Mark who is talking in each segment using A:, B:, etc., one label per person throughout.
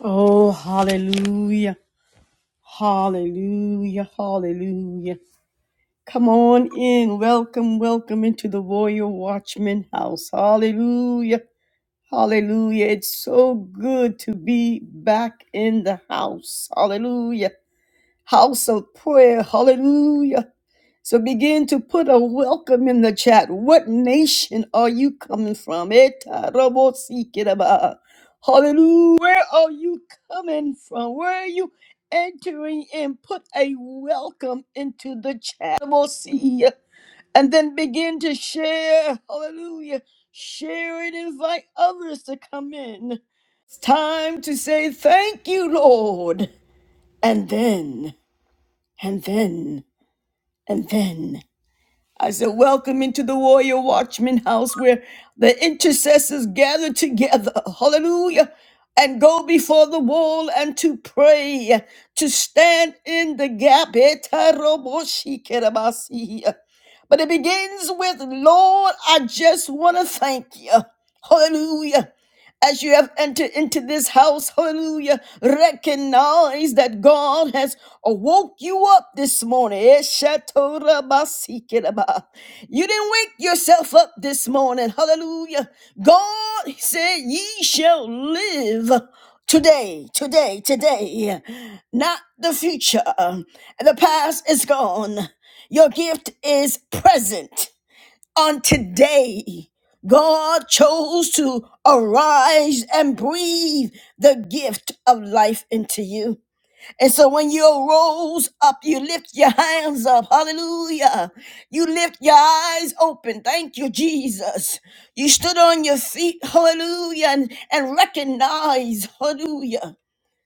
A: Oh, hallelujah, hallelujah, hallelujah. Come on in. Welcome, welcome into the Warrior Watchman house. Hallelujah, hallelujah. It's so good to be back in the house. Hallelujah. House of prayer. Hallelujah. So begin to put a welcome in the chat. What nation are you coming from? Eta robo sikiraba. Hallelujah. Where are you coming from? Where are you entering in? Put a welcome into the chat. Robo si. And then begin to share. Hallelujah. Share and invite others to come in. It's time to say thank you, Lord. And then, and then, and then. I said, Welcome into the Warrior Watchman house where the intercessors gather together. Hallelujah. And go before the wall and to pray, to stand in the gap. Etaroboshikeramasi. But it begins with, Lord, I just want to thank you. Hallelujah as you have entered into this house, hallelujah, recognize that God has woke you up this morning. Eshatorabasikiraba. You didn't wake yourself up this morning, hallelujah. God said, Ye shall live. Today, today, today, not the future. The past is gone. Your gift is present on today, God chose to arise and breathe the gift of life into you. And so when you rose up, you lift your hands up. Hallelujah. You lift your eyes open. Thank you, Jesus. You stood on your feet. Hallelujah. And, and recognize, hallelujah,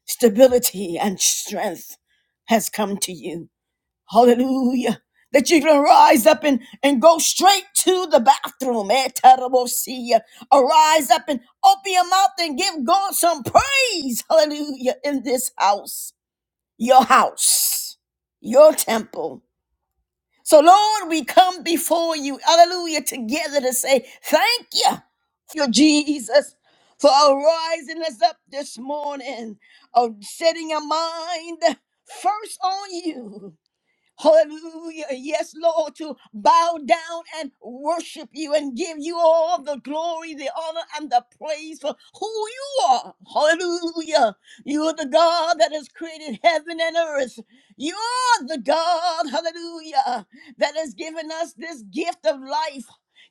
A: stability and strength has come to you. Hallelujah. That you can rise up and, and go straight to the bathroom. Eh, terrible see ya. Arise up and open your mouth and give God some praise. Hallelujah. In this house, your house, your temple. So, Lord, we come before you. Hallelujah. Together to say thank you, your Jesus, for arising us up this morning, of setting our mind first on you. Hallelujah. Yes, Lord, to bow down and worship you and give you all the glory, the honor, and the praise for who you are. Hallelujah. You are the God that has created heaven and earth. You are the God, hallelujah, that has given us this gift of life.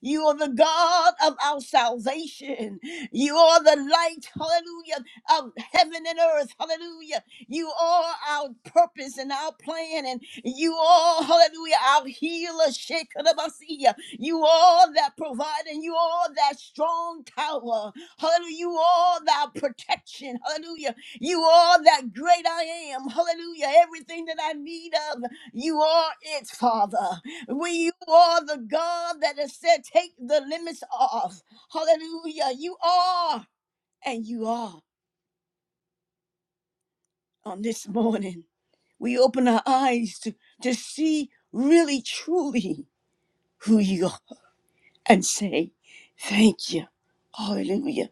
A: You are the God of our salvation. You are the light, hallelujah, of heaven and earth, hallelujah. You are our purpose and our plan, and you are, hallelujah, our healer, Shekinah You are that provider, and you are that strong tower. Hallelujah. You are that protection. Hallelujah. You are that great I am. Hallelujah. Everything that I need of, you are it, Father. We, you are the God that has said, take the limits off. Hallelujah. You are, and you are on this morning. We open our eyes to, to see really truly who you are and say, Thank you. Hallelujah.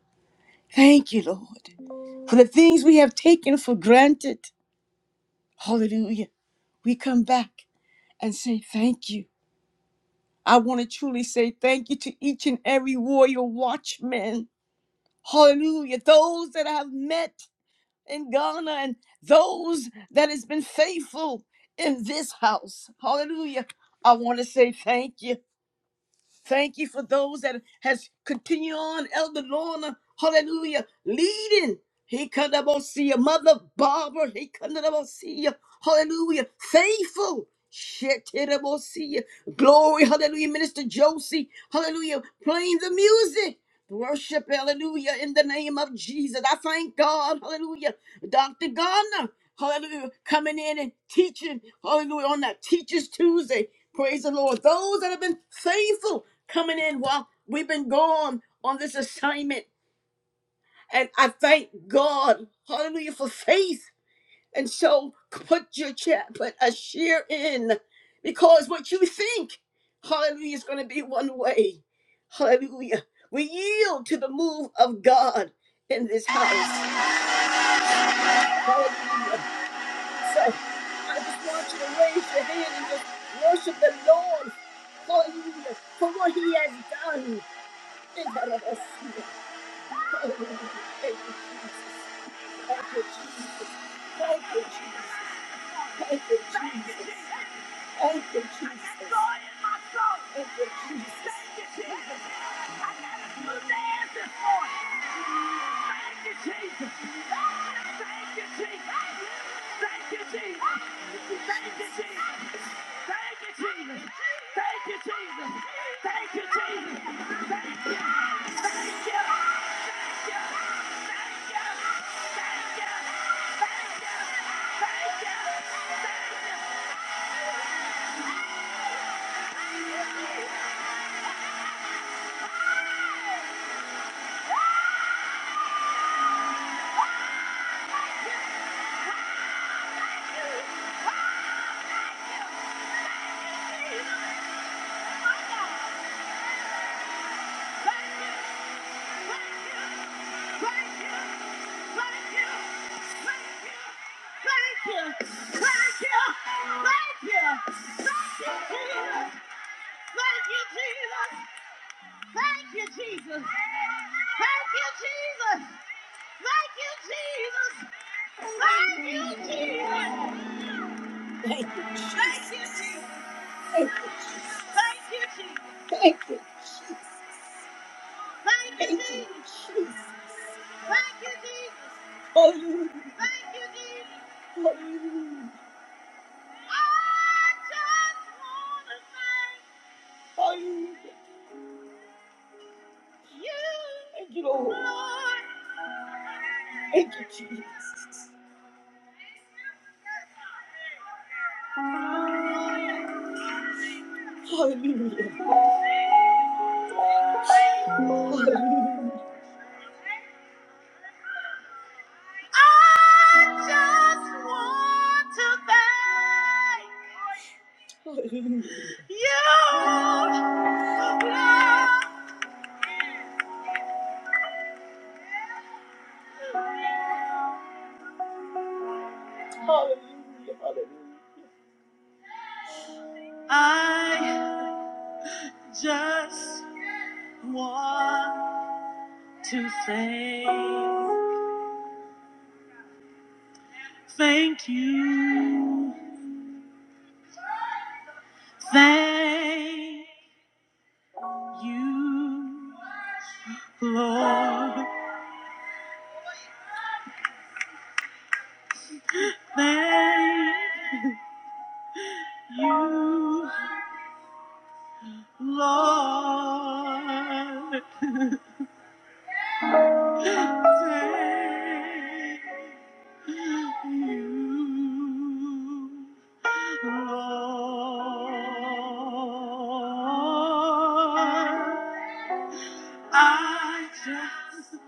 A: Thank you, Lord, for the things we have taken for granted. Hallelujah. We come back and say, Thank you. I want to truly say thank you to each and every warrior watchman. Hallelujah. Those that I have met in Ghana and those that has been faithful in this house. Hallelujah. I want to say thank you. Thank you for those that has continued on, Elder Lorna, hallelujah, leading. He come to see your mother Barbara. He come to see you. Hallelujah. Faithful. Shit, see you. Glory, hallelujah. Minister Josie, hallelujah. Playing the music. Worship, hallelujah, in the name of Jesus. I thank God, hallelujah. Dr. Gardner, hallelujah, coming in and teaching, hallelujah, on that Teachers Tuesday. Praise the Lord. Those that have been faithful coming in while we've been gone on this assignment. And I thank God, hallelujah, for faith. And so put your chat, put a share in because what you think, hallelujah, is going to be one way. Hallelujah. We yield to the move of God in this house. Hallelujah. So I just want you to raise your hand and just worship the Lord. Hallelujah. For what he has done. Thank you, Jesus. Thank you, Jesus. Thank you, Jesus. Thank you, Jesus. Thank you, Jesus. Thank you, Jesus. I got a smooth dance this morning. Thank you, Jesus. Thank you, Jesus. Thank you, Jesus. Thank you, Jesus. Thank you, Jesus. Thank you, Jesus. Thank you, Jesus. Thank you. Thank you. Thank you. Thank you. Thank you. Thank you. Thank you. Thank you. Thank you, Jesus. Thank you, Jesus. Thank you, Jesus. Thank you, Jesus. Hallelujah. Thank you, Jesus. Hallelujah. I just want to thank Hallelujah. you, Thank you, Lord. Lord. Thank you, Jesus. Hallelujah. Hallelujah. I just want to thank Hallelujah. you. Hallelujah. Hallelujah. I just want to say thank you. Thank you, Lord. Thank you. Lord, thank you, Lord. I just,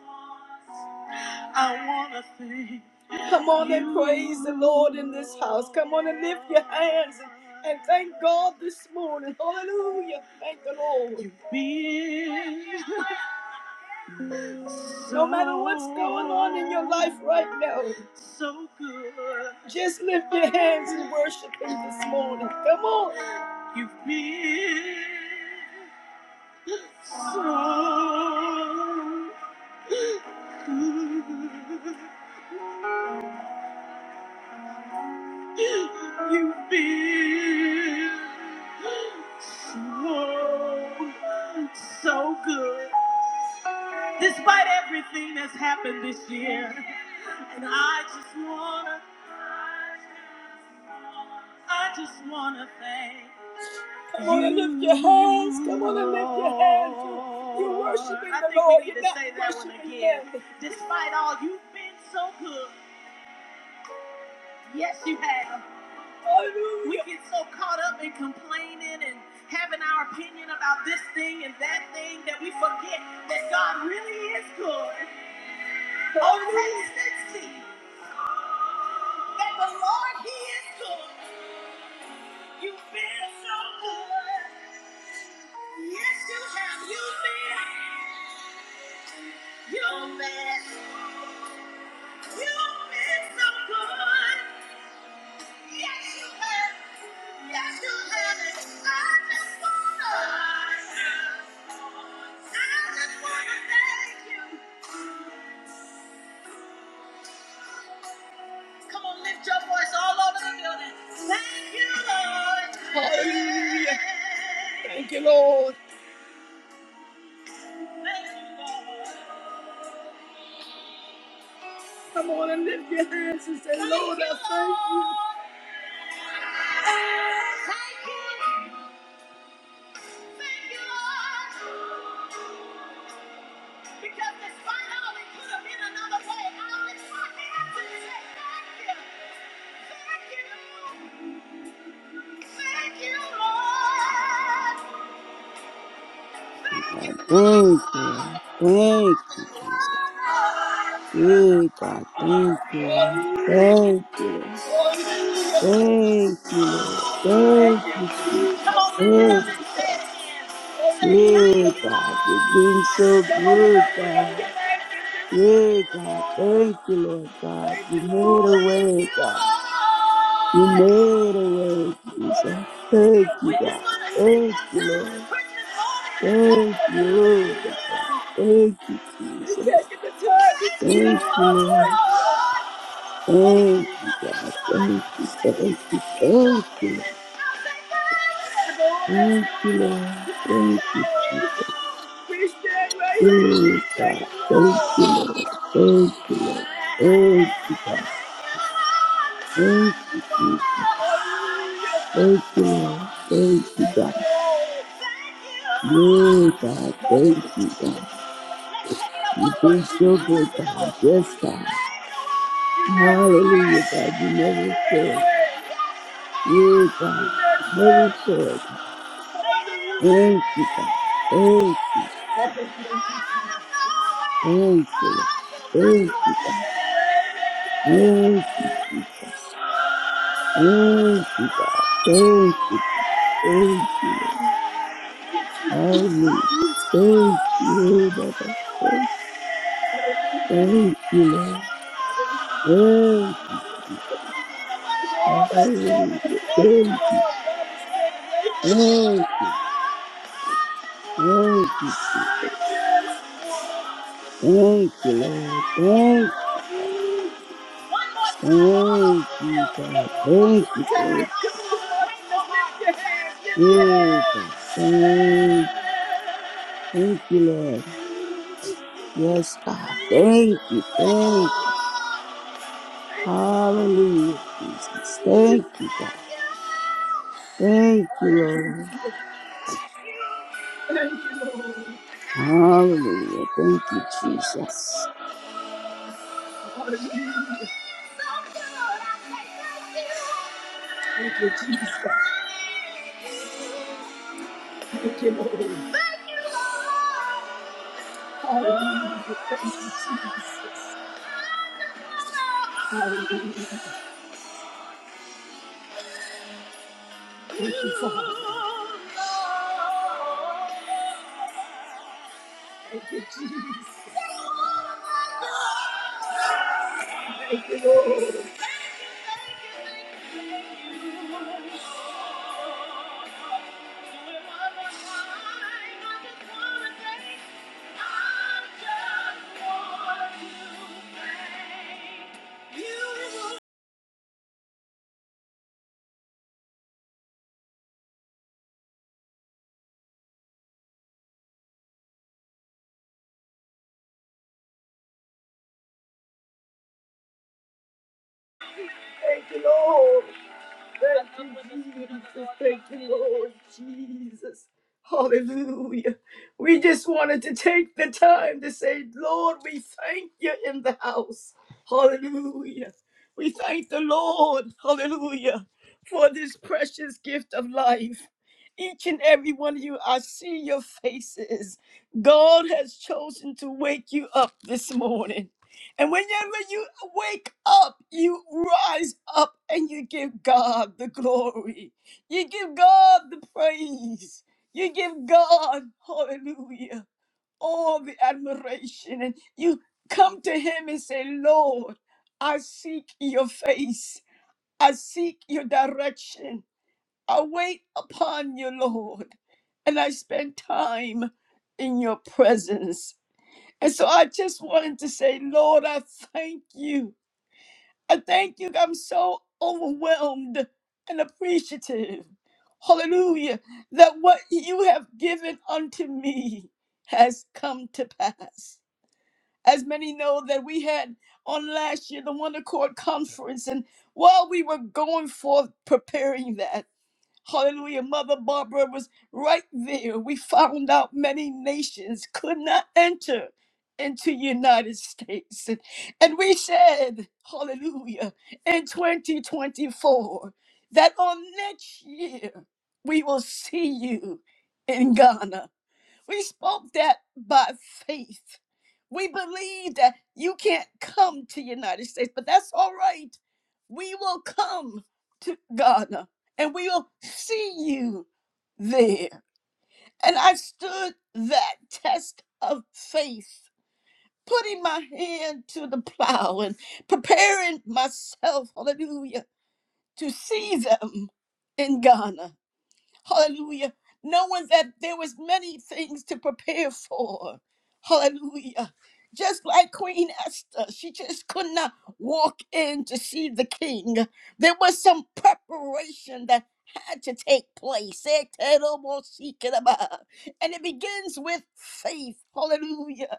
A: I want to thank Come on and praise the Lord in this house. Come on and lift your hands and thank God this morning. Hallelujah. Thank the Lord. You've been No matter what's going on in your life right now, so good. Just lift your hands and worship Him this morning. Come on. You've been so good. You've been so, so good. Despite everything that's happened this year, and I just wanna, I just wanna thank Come on and lift your hands. Come on and lift your hands. You- You're worshiping I the think Lord. we need You're to not say that one worshiping again. Him. Despite all, you've been so good. Yes, you have. Hallelujah. We Hallelujah. get so caught up in complaining and having our opinion about this thing and that thing that we forget that God really is good. Oh, taste and see that the Lord He is good. You feel so good. Yes, you have. You feel. You feel. You feel so good. Yes, you have. Yes, you have. I just wanna. I just wanna thank you. Come on, lift your voice all over the building. Thank you, Lord. Hallelujah. Thank you, Lord. Come on and lift your hands and say, Lord, I thank you. Thank you. Thank you, Lord. Because despite all it could have been another way, I lift my hands and say, Thank you. Thank you. Thank you, Lord. Thank you,
B: God. Thank you, Lord. Thank you, Jesus.
A: Lord.
B: Yeah, God. Thank you,
A: Thank you,
B: Lord.
A: Lord.
B: Thank you, Lord. Thank you, Lord. Thank you,
A: Come on,
B: Jesus.
A: lift it up
B: Thank
A: and
B: you,
A: say it
B: God.
A: again. Say, thank you, Lord.
B: Yeah, God. You've been so
A: Come on and
B: good,
A: open up your
B: God.
A: mouth and just
B: Yeah,
A: worship the
B: God.
A: Lord.
B: Thank you, Lord God.
A: Thank
B: You
A: you,
B: made
A: Lord.
B: a
A: Thank
B: way,
A: you,
B: God. You
A: Lord.
B: made a way, Jesus. Thank
A: We
B: you,
A: just
B: God.
A: want to take
B: Thank
A: our
B: you,
A: time this
B: Lord.
A: Christmas morning and say,
B: Thank you,
A: thank
B: oh, God.
A: you.
B: Thank you,
A: You're
B: Jesus.
A: taking the time to say, Lord. Thank
B: Thank you, Lord.
A: you, Lord. We
B: Thank you, God. Thank you, thank you, thank you, Lord. Thank you, Lord. Thank
A: stand right here. We
B: you,
A: thank
B: God.
A: you,
B: Thank you, Lord. Thank you, Lord. Thank you, God. Thank you, Jesus. Thank you, Lord. Thank you,
A: Thank
B: God.
A: you,
B: Yeah, God. Thank you, God.
A: Let's take it up one
B: You've
A: more
B: been
A: time.
B: so
A: I love
B: good, God.
A: you, Lord.
B: Yes,
A: You
B: God.
A: made a way. You made
B: Hallelujah, God. You never
A: a way. You made a
B: fail.
A: way.
B: Yeah, God.
A: Yes,
B: You
A: you
B: never fail, God.
A: made a way. You made a way.
B: Thank you, God. Thank you.
A: Out of nowhere. way.
B: Thank you, Lord.
A: you made
B: Thank
A: a
B: you,
A: way.
B: God.
A: Made a way.
B: Thank you, Jesus. Thank you, God. Thank you, thank you. Hallelujah. Thank you, Baba. Thank thank you, Lord.
A: Oh, you made a way.
B: Thank Hallelujah. Thank you, thank thank thank you, Lord. Thank, thank you, God. Thank you, thank you, God. Thank, thank you, Lord. Yes, God. Thank you, thank Hallelujah, Jesus. Thank you, God. Thank you, Lord.
A: Thank you. Thank you, Lord.
B: Hallelujah. Thank you, Jesus.
A: Hallelujah. Thank you, Jesus. Thank you, Lord. Hallelujah. Thank you, Jesus. Hallelujah. Thank you, thank you, thank you. Thank you, Lord. Thank you, Jesus. Thank you, Lord Jesus. Hallelujah. We just wanted to take the time to say, Lord, we thank you in the house. Hallelujah. We thank the Lord, hallelujah, for this precious gift of life. Each and every one of you, I see your faces. God has chosen to wake you up this morning. And whenever you wake up, you rise up and you give God the glory. You give God the praise. You give God, hallelujah, all the admiration. And you come to Him and say, Lord, I seek your face. I seek your direction. I wait upon you, Lord. And I spend time in your presence. And so I just wanted to say, Lord, I thank you I thank you. I'm so overwhelmed and appreciative. Hallelujah. That what you have given unto me has come to pass. As many know that we had on last year the Wonder Court Conference, and while we were going forth preparing that, Hallelujah. Mother Barbara was right there. We found out many nations could not enter into United States. And we said, hallelujah, in 2024, that on next year we will see you in Ghana. We spoke that by faith. We believe that you can't come to United States, but that's all right. We will come to Ghana and we will see you there. And I stood that test of faith, putting my hand to the plow and preparing myself, hallelujah, to see them in Ghana. Hallelujah. Knowing that there was many things to prepare for. Hallelujah. Just like Queen Esther, she just could not walk in to see the king. There was some preparation that had to take place. And it begins with faith. Hallelujah.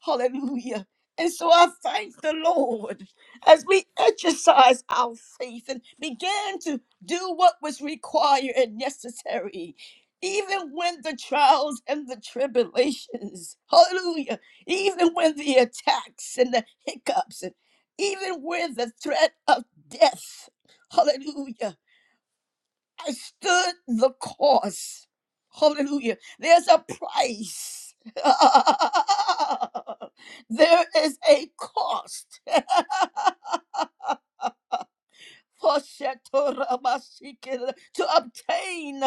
A: Hallelujah. And so I thank the Lord as we exercise our faith and begin to do what was required and necessary, even when the trials and the tribulations, hallelujah, even when the attacks and the hiccups, and even with the threat of death, hallelujah, I stood the course, hallelujah. There's a price, there is a cost. Hoshetorabashike, to obtain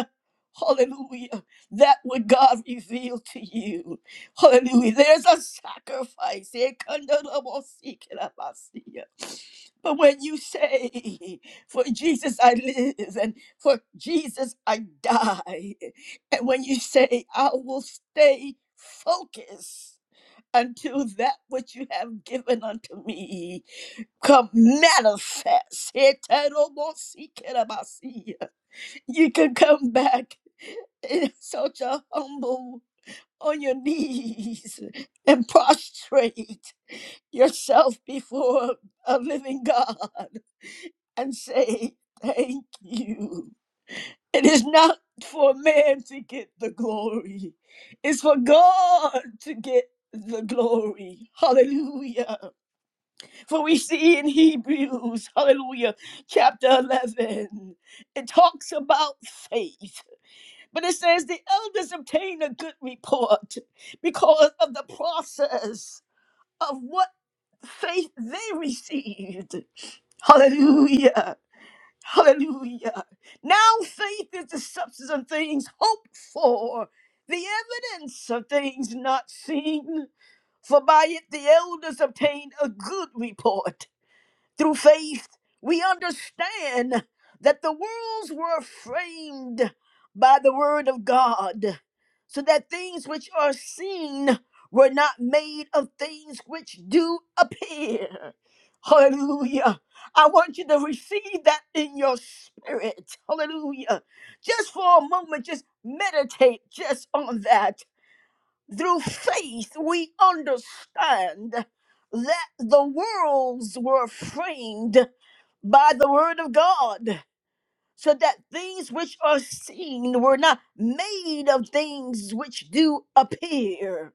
A: hallelujah that what god revealed to you hallelujah there's a sacrifice Ekandarabosikirabasiya. but when you say for jesus i live and for jesus i die and when you say i will stay focused until that which you have given unto me come manifest. You can come back in such a humble on your knees and prostrate yourself before a living God and say, Thank you. It is not for man to get the glory, it's for God to get the glory. Hallelujah. For we see in Hebrews, hallelujah, chapter 11, it talks about faith. But it says the elders obtain a good report because of the process of what faith they received. Hallelujah. Hallelujah. Now faith is the substance of things hoped for, the evidence of things not seen. For by it the elders obtain a good report. Through faith, we understand that the worlds were framed by the word of God, so that things which are seen were not made of things which do appear. Hallelujah. I want you to receive that in your spirit. Hallelujah. Just for a moment, just meditate just on that. Through faith, we understand that the worlds were framed by the Word of God, so that things which are seen were not made of things which do appear.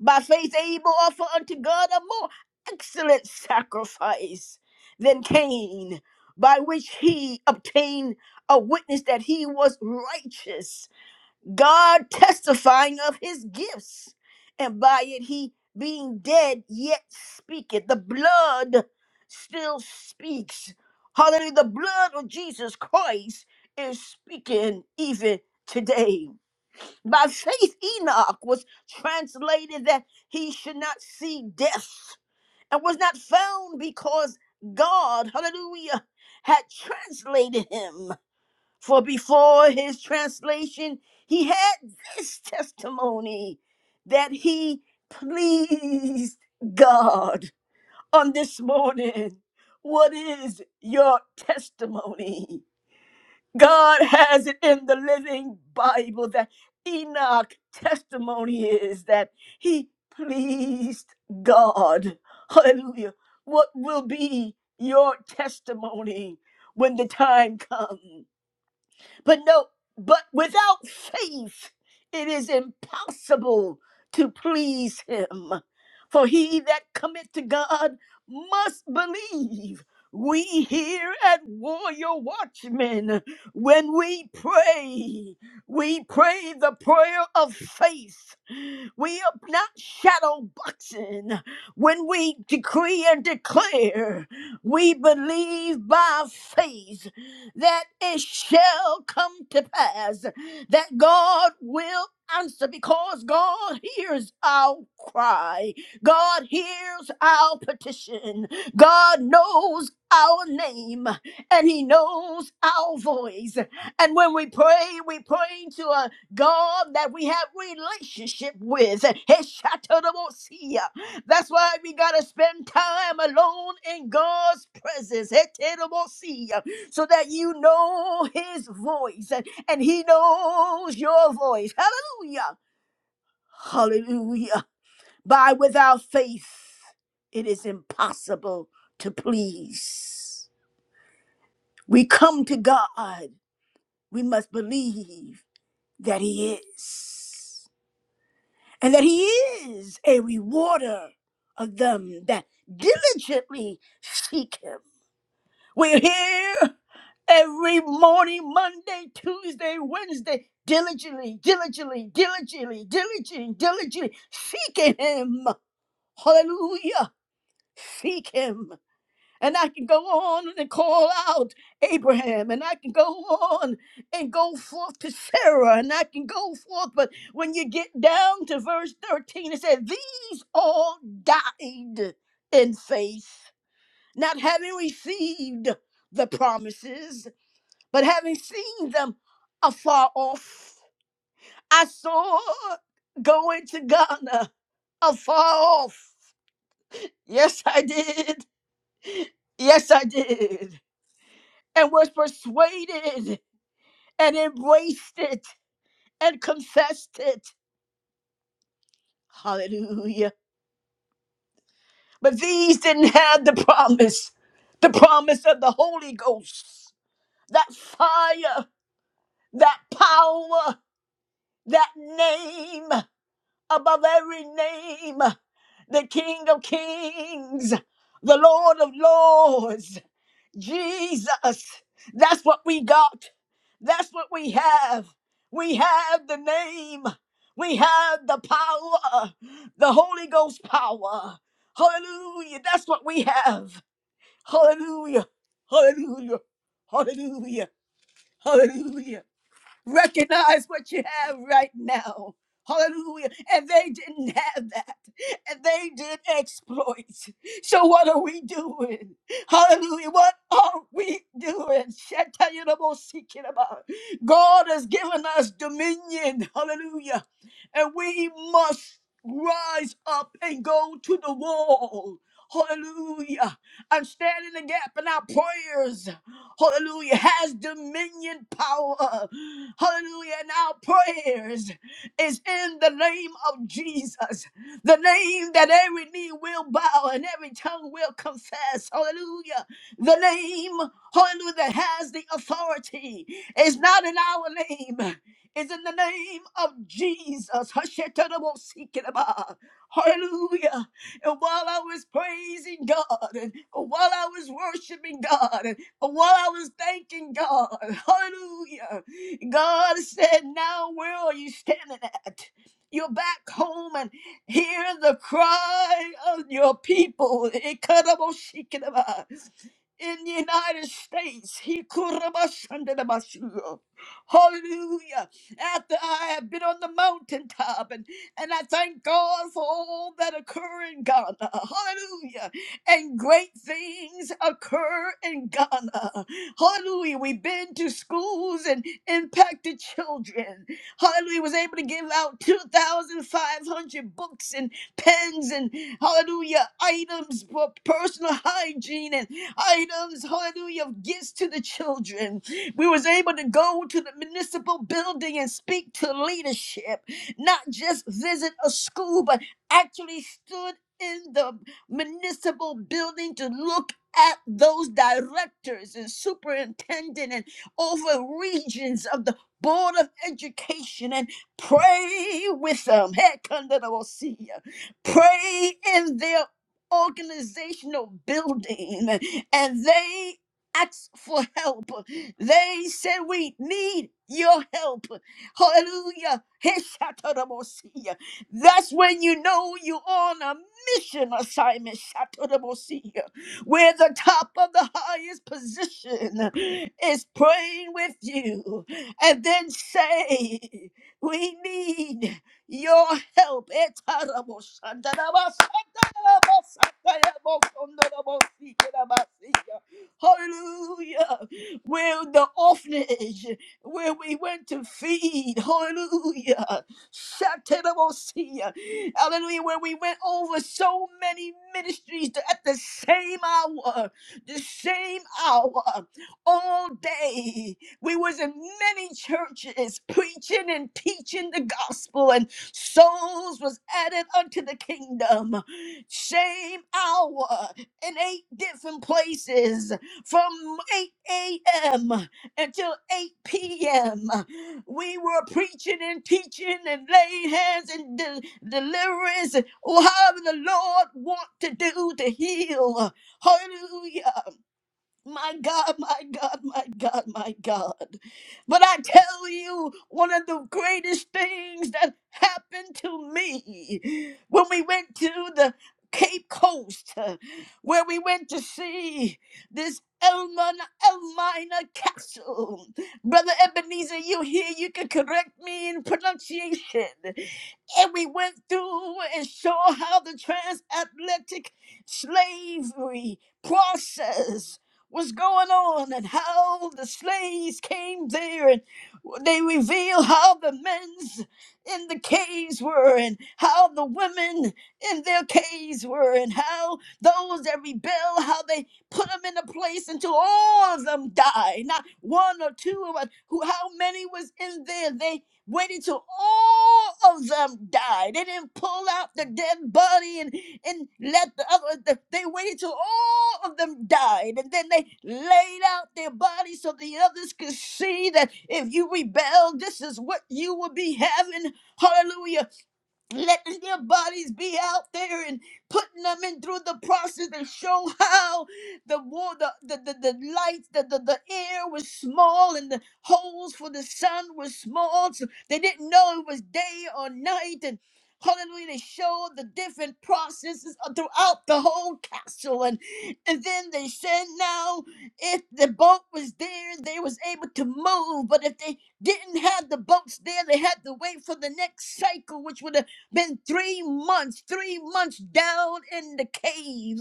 A: By faith, Abel offered unto God a more excellent sacrifice than Cain, by which he obtained a witness that he was righteous God testifying of his gifts, and by it he being dead yet speaketh. The blood still speaks. Hallelujah. The blood of Jesus Christ is speaking even today. By faith, Enoch was translated that he should not see death and was not found because God, hallelujah, had translated him. For before his translation, he had this testimony that he pleased God. On this morning, what is your testimony? God has it in the living Bible that Enoch testimony is that he pleased God. Hallelujah. What will be your testimony when the time comes? But no, but without faith, it is impossible to please him. For he that cometh to God must believe. We here at Warrior Watchmen, when we pray, we pray the prayer of faith. We are not shadow boxing. When we decree and declare, we believe by faith that it shall come to pass, that God will answer because God hears our cry. God hears our petition. God knows our name and he knows our voice. And when we pray, we pray to a. God that we have relationship with. Heshatamosia. That's why we gotta spend time alone in God's presence. Hetamosia. So that you know his voice and and he knows your voice. Hallelujah. Hallelujah. By without faith, it is impossible to please. We come to God. We must believe that he is. and that he is a rewarder of them that diligently seek him. We're here every morning, Monday, Tuesday, Wednesday, diligently, diligently, diligently, diligently, diligently seeking him. Hallelujah. Seek him. And I can go on and call out Abraham, and I can go on and go forth to Sarah, and I can go forth. But when you get down to verse 13, it says, These all died in faith, not having received the promises, but having seen them afar off. I saw going to Ghana afar off. Yes, I did. Yes, I did. and was persuaded and embraced it and confessed it. Hallelujah. But these didn't have the promise, the promise of the Holy Ghost, that fire, that power, that name above every name, the King of Kings, the Lord of Lords, Jesus. That's what we got. That's what we have. We have the name. We have the power, the Holy Ghost power. Hallelujah. That's what we have. Hallelujah. Hallelujah. Hallelujah. Hallelujah. Recognize what you have right now. Hallelujah. And they didn't have that. And they did exploits. So what are we doing? Hallelujah. What are we doing? Shatayanamosikiraba. God has given us dominion. Hallelujah. And we must rise up and go to the wall. Hallelujah. I'm standing in the gap in our prayers hallelujah, has dominion power. Hallelujah. And our prayers is in the name of Jesus, the name that every knee will bow and every tongue will confess. Hallelujah. The name, hallelujah, that has the authority is not in our name. It's in the name of Jesus. Hashetarabosikinaba. Hallelujah. And while I was praising God, and while I was worshiping God. While I was thanking God, hallelujah, God said, Now where are you standing at? You're back home and hear the cry of your people. Ikaraboshikiraba in the United States. He kurabashandadabashu. Hallelujah. After I have been on the mountaintop and, and I thank God for all that occur in Ghana. Hallelujah. And great things occur in Ghana. Hallelujah. We've been to schools and impacted children. Hallelujah. Was able to give out 2,500 books and pens and hallelujah items for personal hygiene and items, hallelujah, of gifts to the children. We was able to go to the municipal building and speak to leadership, not just visit a school, but actually stood in the municipal building to look at those directors and superintendent and over regions of the board of education and pray with them. Heck, under the Pray in their organizational building and they asked for help. They said, We need your help. Hallelujah. Heshatamosia. That's when you know you're on a mission assignment, Shatamosia, where the top of the highest position is praying with you and then say, We need your help. Etarabosandarabasa. Hallelujah. Where the orphanage, where we went to feed. Hallelujah. Shatarabosia. Hallelujah. Where we went over so many ministries at the same hour, the same hour, all day. We was in many churches preaching and teaching the gospel and souls was added unto the kingdom same hour in eight different places from 8 a.m. until 8 p.m. We were preaching and teaching and laying hands and de- deliverance. Oh, the Lord want to do to heal. Hallelujah. My God, my God, my God, my God. But I tell you, one of the greatest things that happened to me when we went to the Cape Coast, uh, where we went to see this Elmina, Elmina Castle. Brother Ebenezer, you here, you can correct me in pronunciation and we went through and saw how the transatlantic slavery process was going on and how the slaves came there and they reveal how the men's in the caves were and how the women in their caves were and how those that rebel how they put them in a place until all of them died not one or two of us who how many was in there They waited till all of them died. They didn't pull out the dead body and, and let the other, the- they waited till all of them died. And then they laid out their bodies so the others could see that if you rebel, this is what you will be having. Hallelujah letting their bodies be out there and putting them in through the process to show how the war the the, the, the lights the, the the air was small and the holes for the sun was small so they didn't know it was day or night and Hallelujah, they showed the different processes uh, throughout the whole castle. And, and then they said now if the boat was there, they was able to move. But if they didn't have the boats there, they had to wait for the next cycle, which would have been three months, three months down in the cave,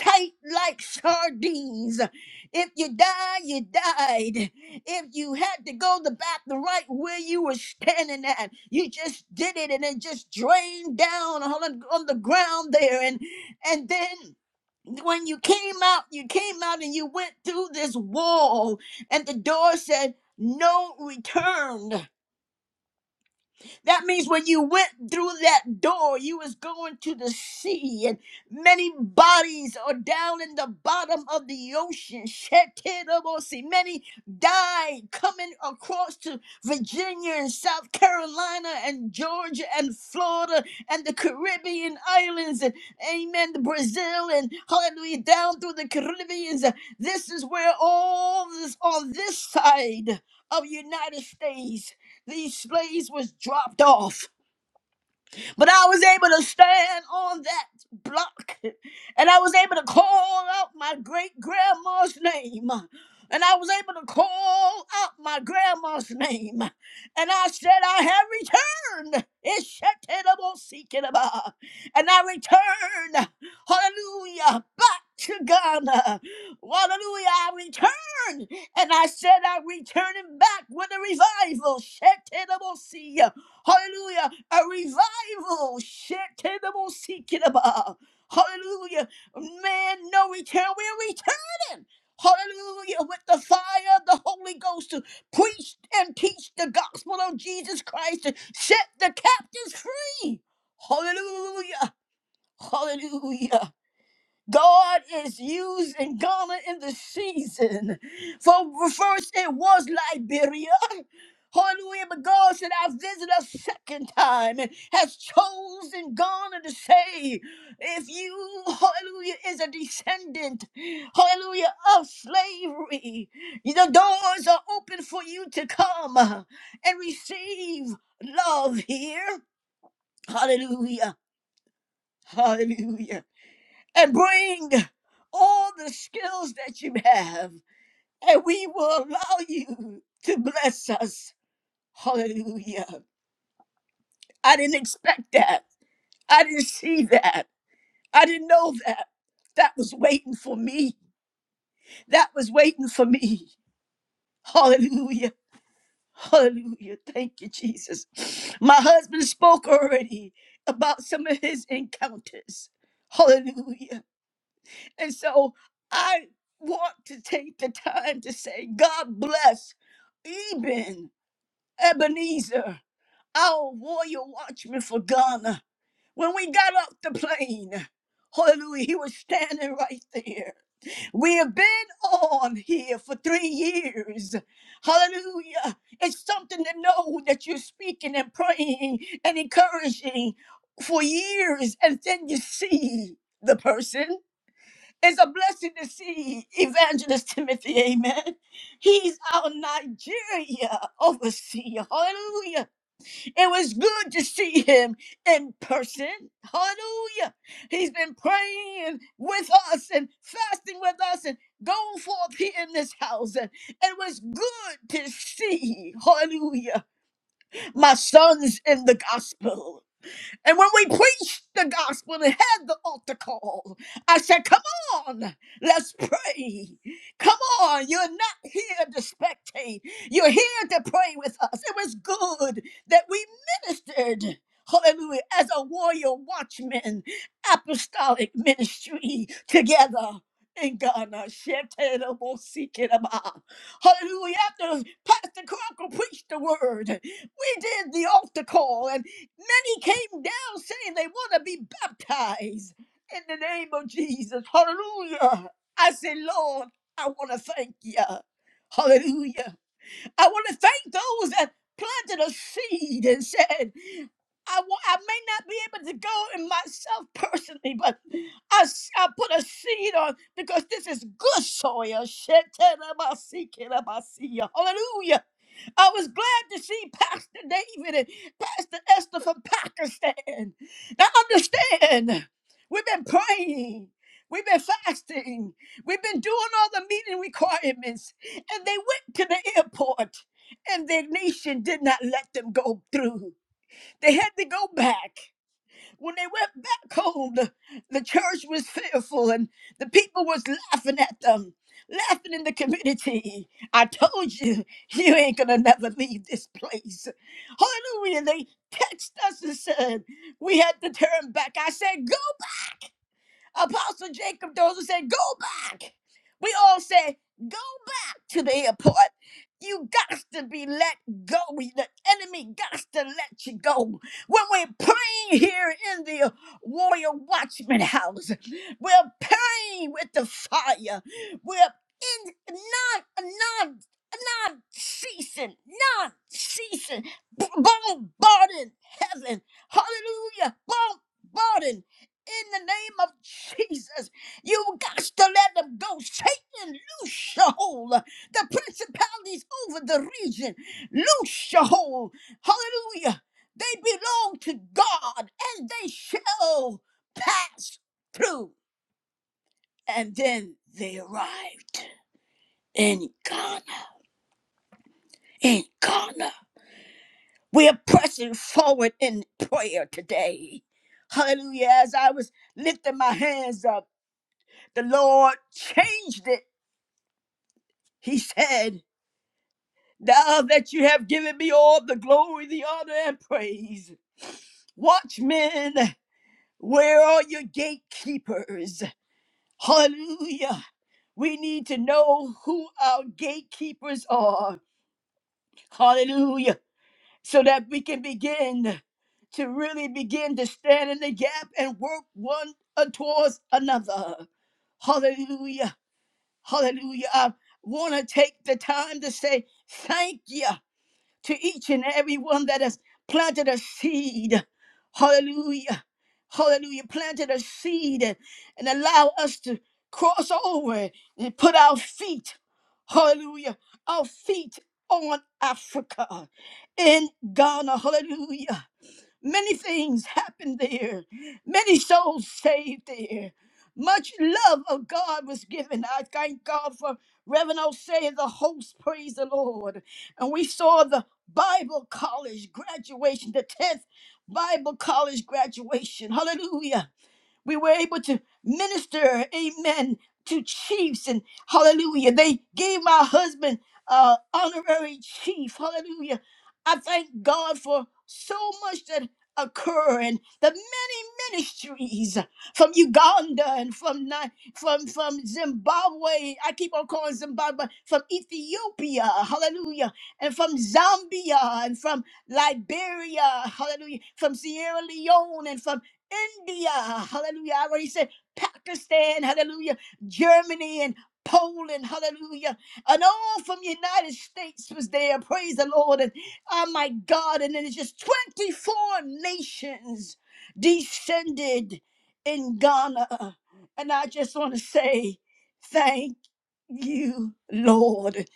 A: tight like sardines. If you die, you died. If you had to go the back the right where you were standing at, you just did it and it just drained down on, on the ground there. And and then when you came out, you came out and you went through this wall, and the door said, No return. That means when you went through that door, you was going to the sea, and many bodies are down in the bottom of the ocean. Shetirabosi. Many died coming across to Virginia and South Carolina and Georgia and Florida and the Caribbean islands and amen, the Brazil and hallelujah, down through the Caribbeans. This is where all this on this side of United States. These slaves was dropped off. But I was able to stand on that block and I was able to call out my great grandma's name. And I was able to call out my grandma's name. And I said, I have returned. It's Shekinah-bo-sekinah-ba. And I returned, hallelujah, back to Ghana. Hallelujah, I returned, And I said, I'm returning back with a revival. Shekinah-bo-see. Hallelujah. A revival. Shit. terrible, Hallelujah. Man, no return. We're returning. Hallelujah. With the fire of the Holy Ghost to preach and teach the gospel of Jesus Christ to set the captives free. Hallelujah. Hallelujah. God is using Ghana in the season. For first it was Liberia. Hallelujah, but God said, I visit a second time and has chosen Ghana to say, if you, hallelujah, is a descendant, hallelujah, of slavery, the doors are open for you to come and receive love here. Hallelujah, hallelujah and bring all the skills that you have, and we will allow you to bless us. Hallelujah. I didn't expect that. I didn't see that. I didn't know that. That was waiting for me. That was waiting for me. Hallelujah. Hallelujah. Thank you, Jesus. My husband spoke already about some of his encounters. Hallelujah. And so I want to take the time to say, God bless Eben Ebenezer, our warrior watchman for Ghana. When we got off the plane, hallelujah, he was standing right there. We have been on here for three years. Hallelujah. It's something to know that you're speaking and praying and encouraging for years, and then you see the person. It's a blessing to see Evangelist Timothy, amen. He's our Nigeria overseer, hallelujah. It was good to see him in person, hallelujah. He's been praying with us and fasting with us and going forth here in this house. And it was good to see, hallelujah, my sons in the gospel. And when we preached the gospel and had the altar call, I said, Come on, let's pray. Come on, you're not here to spectate, you're here to pray with us. It was good that we ministered. Hallelujah, as a warrior watchman, apostolic ministry together in Ghana. Shetelebosikiraba. Hallelujah. After Pastor Crocker preached the word, we did the altar call. and. Many came down saying they want to be baptized in the name of Jesus. Hallelujah. I say, Lord, I want to thank you. Hallelujah. I want to thank those that planted a seed and said, I, wa- I may not be able to go in myself personally, but I, s- I put a seed on because this is good soil. Hallelujah. I was glad to see Pastor David and Pastor Esther from Pakistan. Now understand, we've been praying. We've been fasting. We've been doing all the meeting requirements. And they went to the airport, and their nation did not let them go through. They had to go back. When they went back home, the, the church was fearful and the people was laughing at them, laughing in the community. I told you, you ain't gonna never leave this place. Hallelujah. They text us and said, we had to turn back. I said, go. Apostle Jacob Dozer said, Go back. We all said, Go back to the airport. You got to be let go. The enemy got to let you go. When we're praying here in the warrior watchman house, we're praying with the fire. We're in non, non, non ceasing, non ceasing, bombarding heaven. Hallelujah. Bombarding in the name of Jesus. You got to let them go. Satan, loose your hold. The principalities over the region, loose your hold. Hallelujah. They belong to God and they shall pass through. And then they arrived in Ghana. In Ghana. We are pressing forward in prayer today. Hallelujah. As I was lifting my hands up, the Lord changed it He said, Now that you have given me all the glory, the honor, and praise, watchmen, where are your gatekeepers? Hallelujah. We need to know who our gatekeepers are. Hallelujah. So that we can begin to really begin to stand in the gap and work one towards another. Hallelujah. Hallelujah. I want to take the time to say thank you. to each and every one that has planted a seed. Hallelujah. Hallelujah. Planted a seed and, and allow us to cross over and put our feet, hallelujah, our feet on Africa in Ghana. Hallelujah. Many things happened there, many souls saved there. Much love of God was given. I thank God for Reverend Osei, the host, praise the Lord. And we saw the Bible college graduation, the 10th Bible college graduation. Hallelujah. We were able to minister, amen, to chiefs and hallelujah. They gave my husband uh honorary chief. Hallelujah. I thank God for so much that occur and the many ministries from Uganda and from Ni- from from Zimbabwe. I keep on calling Zimbabwe from Ethiopia, hallelujah, and from Zambia and from Liberia, hallelujah, from Sierra Leone and from India, hallelujah. I already said Pakistan, hallelujah. Germany and Poland, hallelujah. And all from the United States was there. Praise the Lord. And oh my God. And then it's just 24 nations descended in Ghana. And I just want to say thank you, Lord.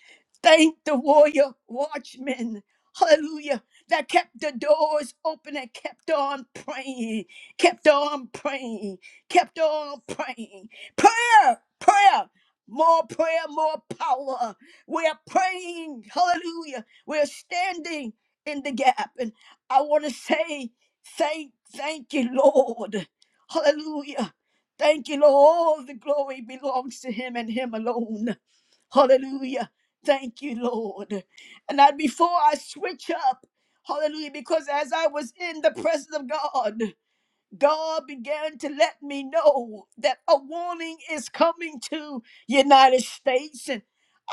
A: Thank the warrior watchmen. Hallelujah. That kept the doors open and kept on praying, kept on praying, kept on praying. Prayer, prayer, more prayer, more power. We are praying. Hallelujah. We are standing in the gap. And I want to say, thank, thank you, Lord. Hallelujah. Thank you, Lord. All the glory belongs to Him and Him alone. Hallelujah. Thank you, Lord. And that before I switch up, hallelujah, because as I was in the presence of God, God began to let me know that a warning is coming to United States. And,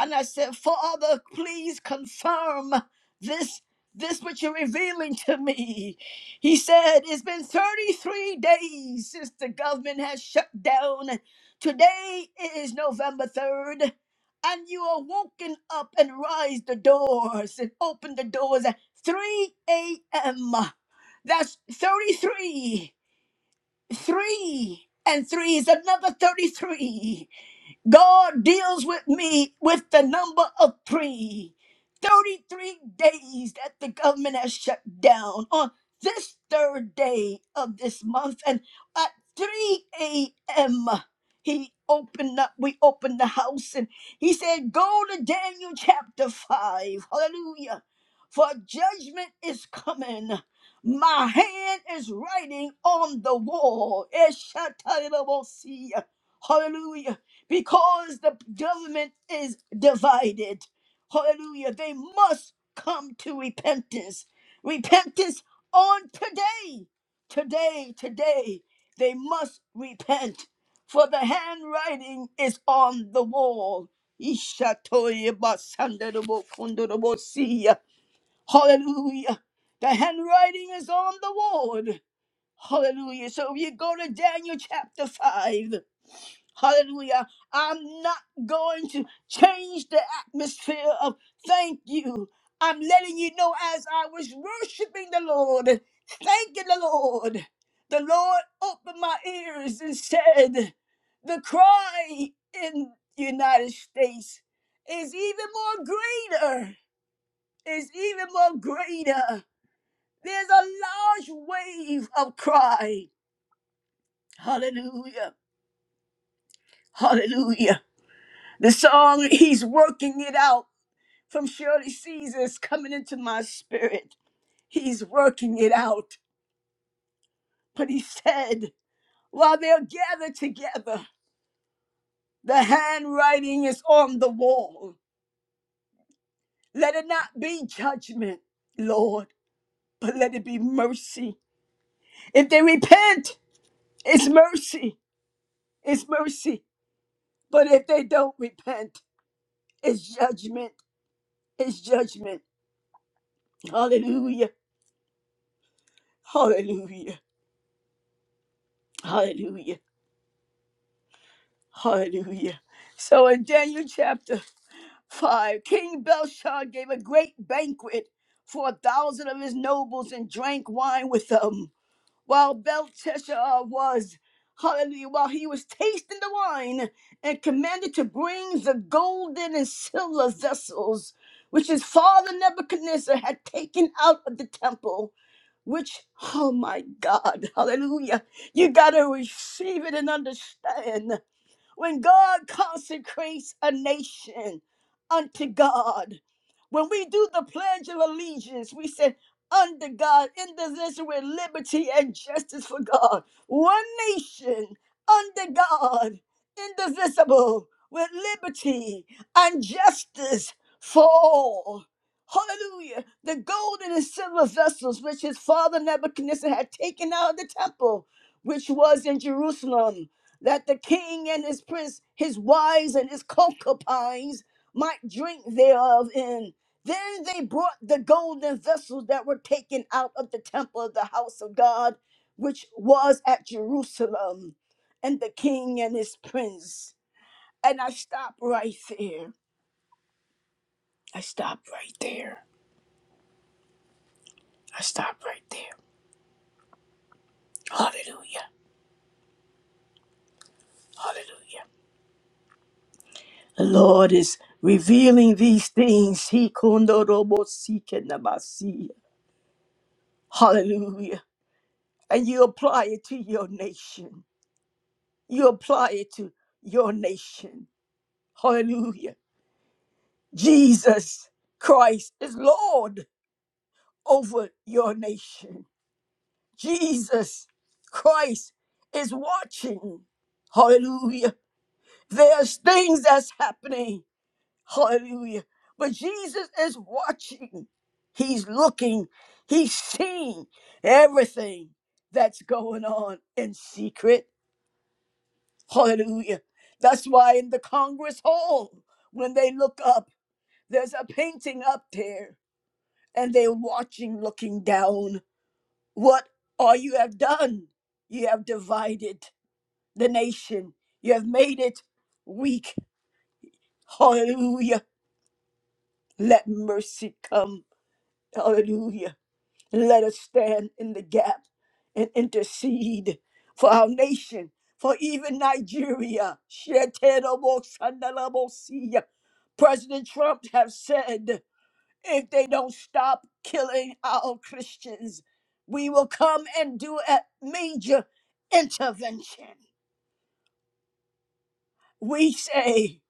A: and I said, Father, please confirm this, this what you're revealing to me. He said, It's been 33 days since the government has shut down. Today is November 3rd. And you are woken up and rise the doors and open the doors at 3 a.m. That's 33. Three and three is another 33. God deals with me with the number of three. 33 days that the government has shut down on this third day of this month. And at 3 a.m., he opened up, we opened the house, and he said, Go to Daniel chapter 5. Hallelujah. For judgment is coming. My hand is writing on the wall. Eshataylabosia. Hallelujah because the government is divided. Hallelujah. They must come to repentance. Repentance on today. Today, today, they must repent. For the handwriting is on the wall. Ishatoyebasandarabokondarabosiya. Hallelujah. The handwriting is on the wall. Hallelujah. So if you go to Daniel chapter 5. Hallelujah. I'm not going to change the atmosphere of thank you. I'm letting you know as I was worshiping the Lord, thanking the Lord, the Lord opened my ears and said, The cry in the United States is even more greater, is even more greater. There's a large wave of cry. Hallelujah. Hallelujah. The song He's Working It Out from Shirley Caesar is coming into my spirit. He's working it out. But he said, while they're gathered together, the handwriting is on the wall. Let it not be judgment, Lord, but let it be mercy. If they repent, it's mercy. It's mercy. But if they don't repent, it's judgment. It's judgment. Hallelujah. Hallelujah. Hallelujah. Hallelujah. So in Daniel chapter 5, King Belshazzar gave a great banquet for a thousand of his nobles and drank wine with them. While Belteshazzar was, hallelujah, while he was tasting the wine and commanded to bring the golden and silver vessels which his father Nebuchadnezzar had taken out of the temple. Which, oh my God, hallelujah, you got to receive it and understand. When God consecrates a nation unto God, when we do the Pledge of Allegiance, we say, under God, in this nation with liberty and justice for God. One nation under God, indivisible, with liberty and justice for all. Hallelujah. The golden and silver vessels which his father Nebuchadnezzar had taken out of the temple, which was in Jerusalem that the king and his prince, his wives and his concubines might drink thereof. And then they brought the golden vessels that were taken out of the temple of the house of God, which was at Jerusalem, and the king and his prince. And I stop right there. I stop right there. I stop right there. Hallelujah. Hallelujah. The Lord is revealing these things. He kundorobosikenabasi. Hallelujah. And you apply it to your nation. You apply it to your nation. Hallelujah. Jesus Christ is Lord over your nation. Jesus Christ is watching. Hallelujah. There's things that's happening. Hallelujah. But Jesus is watching. He's looking. He's seeing everything that's going on in secret. Hallelujah. That's why in the Congress Hall, when they look up, there's a painting up there and they're watching, looking down. What all you have done? You have divided the nation, you have made it weak. Hallelujah. Let mercy come. Hallelujah. Let us stand in the gap and intercede for our nation, for even Nigeria. Shetelobosandalabosia. President Trump have said, if they don't stop killing our Christians, we will come and do a major intervention. We say,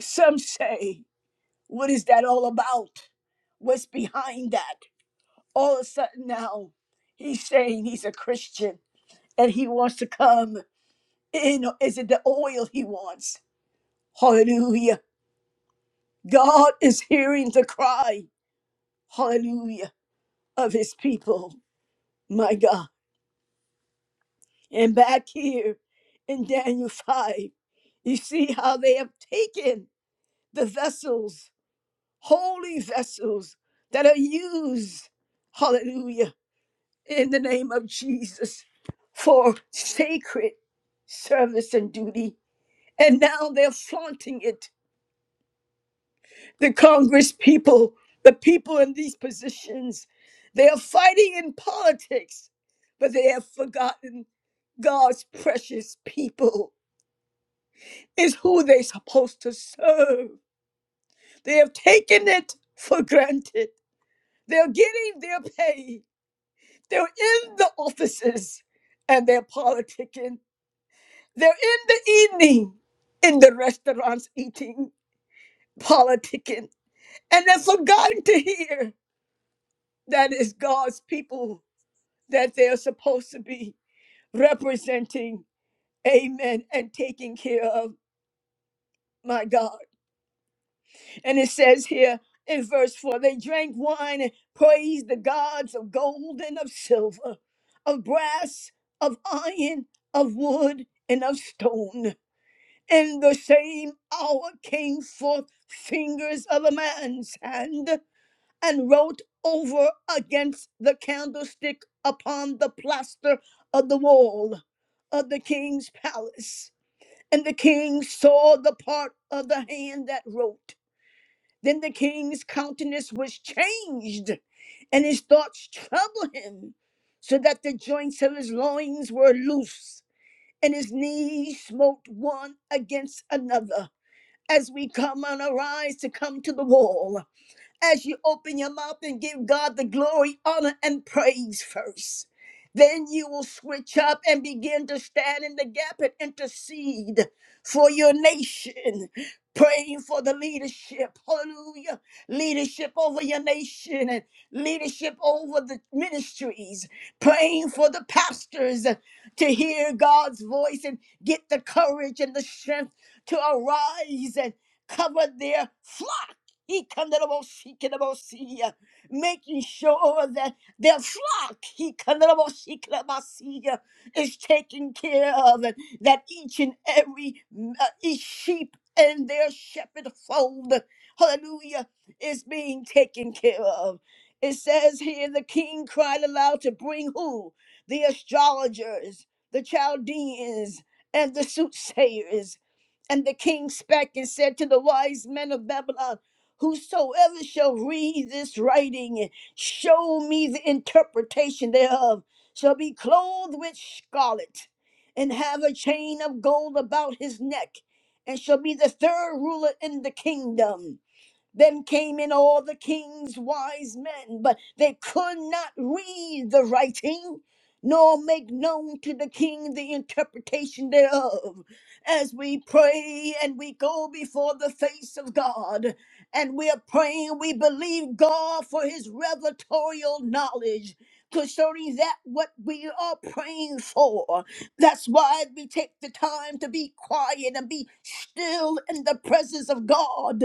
A: some say, what is that all about? What's behind that? All of a sudden now, he's saying he's a Christian And he wants to come in? Is it the oil he wants? Hallelujah. God is hearing the cry, hallelujah, of his people. My God. And back here in Daniel 5, you see how they have taken the vessels, holy vessels that are used, hallelujah, in the name of Jesus for sacred service and duty. And now they're flaunting it the Congress people, the people in these positions. They are fighting in politics, but they have forgotten God's precious people is who they're supposed to serve. They have taken it for granted. They're getting their pay. They're in the offices and they're politicking. They're in the evening in the restaurants eating, politicking. And they've forgotten to hear that it's God's people that they're supposed to be representing, amen, and taking care of my God. And it says here in verse 4 they drank wine and praised the gods of gold and of silver, of brass, of iron, of wood, and of stone. In the same hour came forth fingers of a man's hand and wrote over against the candlestick upon the plaster of the wall of the king's palace. And the king saw the part of the hand that wrote. Then the king's countenance was changed, and his thoughts troubled him, so that the joints of his loins were loose, and his knees smote one against another, as we come and arise to come to the wall as you open your mouth and give God the glory, honor, and praise first. Then you will switch up and begin to stand in the gap and intercede for your nation, praying for the leadership. Hallelujah. Leadership over your nation and leadership over the ministries, praying for the pastors to hear God's voice and get the courage and the strength to arise and cover their flock he kandarabosi kandarabosi, uh, Making sure that their flock, he kandarabosi kandarabosi, uh, is taken care of, and that each and every mm, uh, each sheep and their shepherd fold, hallelujah, is being taken care of. It says here, the king cried aloud to bring who? The astrologers, the Chaldeans, and the soothsayers. And the king spake and said to the wise men of Babylon, Whosoever shall read this writing and show me the interpretation thereof shall be clothed with scarlet and have a chain of gold about his neck and shall be the third ruler in the kingdom. Then came in all the king's wise men, but they could not read the writing, nor make known to the king the interpretation thereof. As we pray and we go before the face of God, and we are praying, we believe God for his revelatorial knowledge concerning that what we are praying for. That's why we take the time to be quiet and be still in the presence of God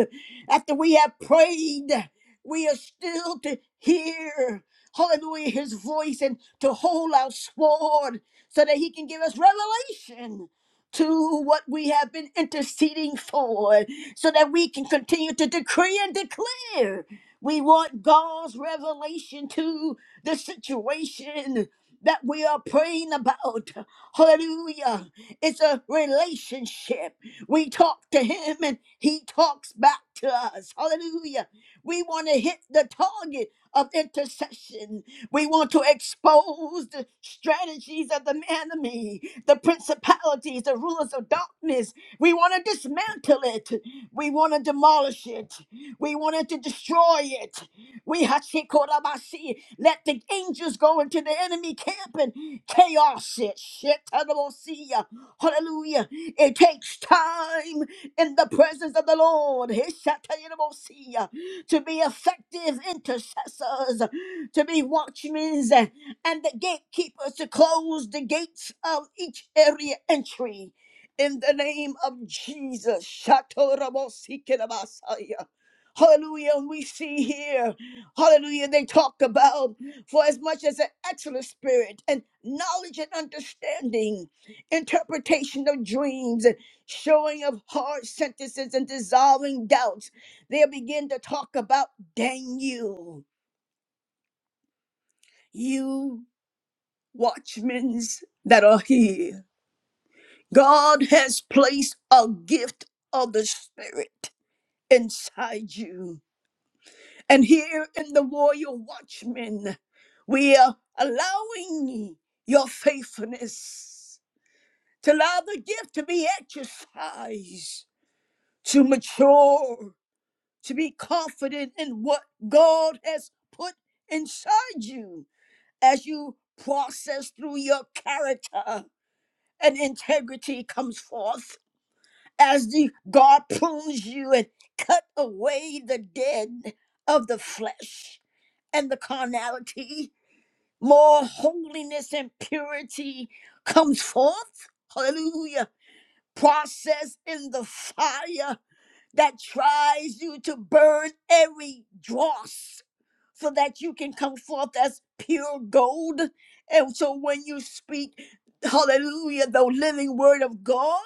A: after we have prayed, we are still to hear, hallelujah, his voice and to hold our sword so that he can give us revelation to what we have been interceding for so that we can continue to decree and declare. We want God's revelation to the situation that we are praying about. Hallelujah. It's a relationship. We talk to him and he talks back to us. Hallelujah. We want to hit the target of intercession. We want to expose the strategies of the enemy, the principalities, the rulers of darkness. We want to dismantle it. We want to demolish it. We want to destroy it. We hashikorabashi. Let the angels go into the enemy camp and chaos it. Shetanabosia. Hallelujah. It takes time in the presence of the Lord. Heshatanabosia. To be effective intercessors, to be watchmen and the gatekeepers to close the gates of each area entry. In the name of Jesus. Shatorabosikirabasaya. Hallelujah. And we see here. Hallelujah. They talk about for as much as an excellent spirit and knowledge and understanding, interpretation of dreams and showing of hard sentences and dissolving doubts. They begin to talk about Daniel, you watchmen that are here. God has placed a gift of the spirit inside you And here in the Warrior Watchmen, we are allowing your faithfulness to allow the gift to be exercised, to mature, to be confident in what God has put inside you as you process through your character and integrity comes forth as the God prunes you and cut away the dead of the flesh and the carnality more holiness and purity comes forth. Hallelujah. Process in the fire that tries you to burn every dross so that you can come forth as pure gold. And so when you speak, hallelujah, the living word of God.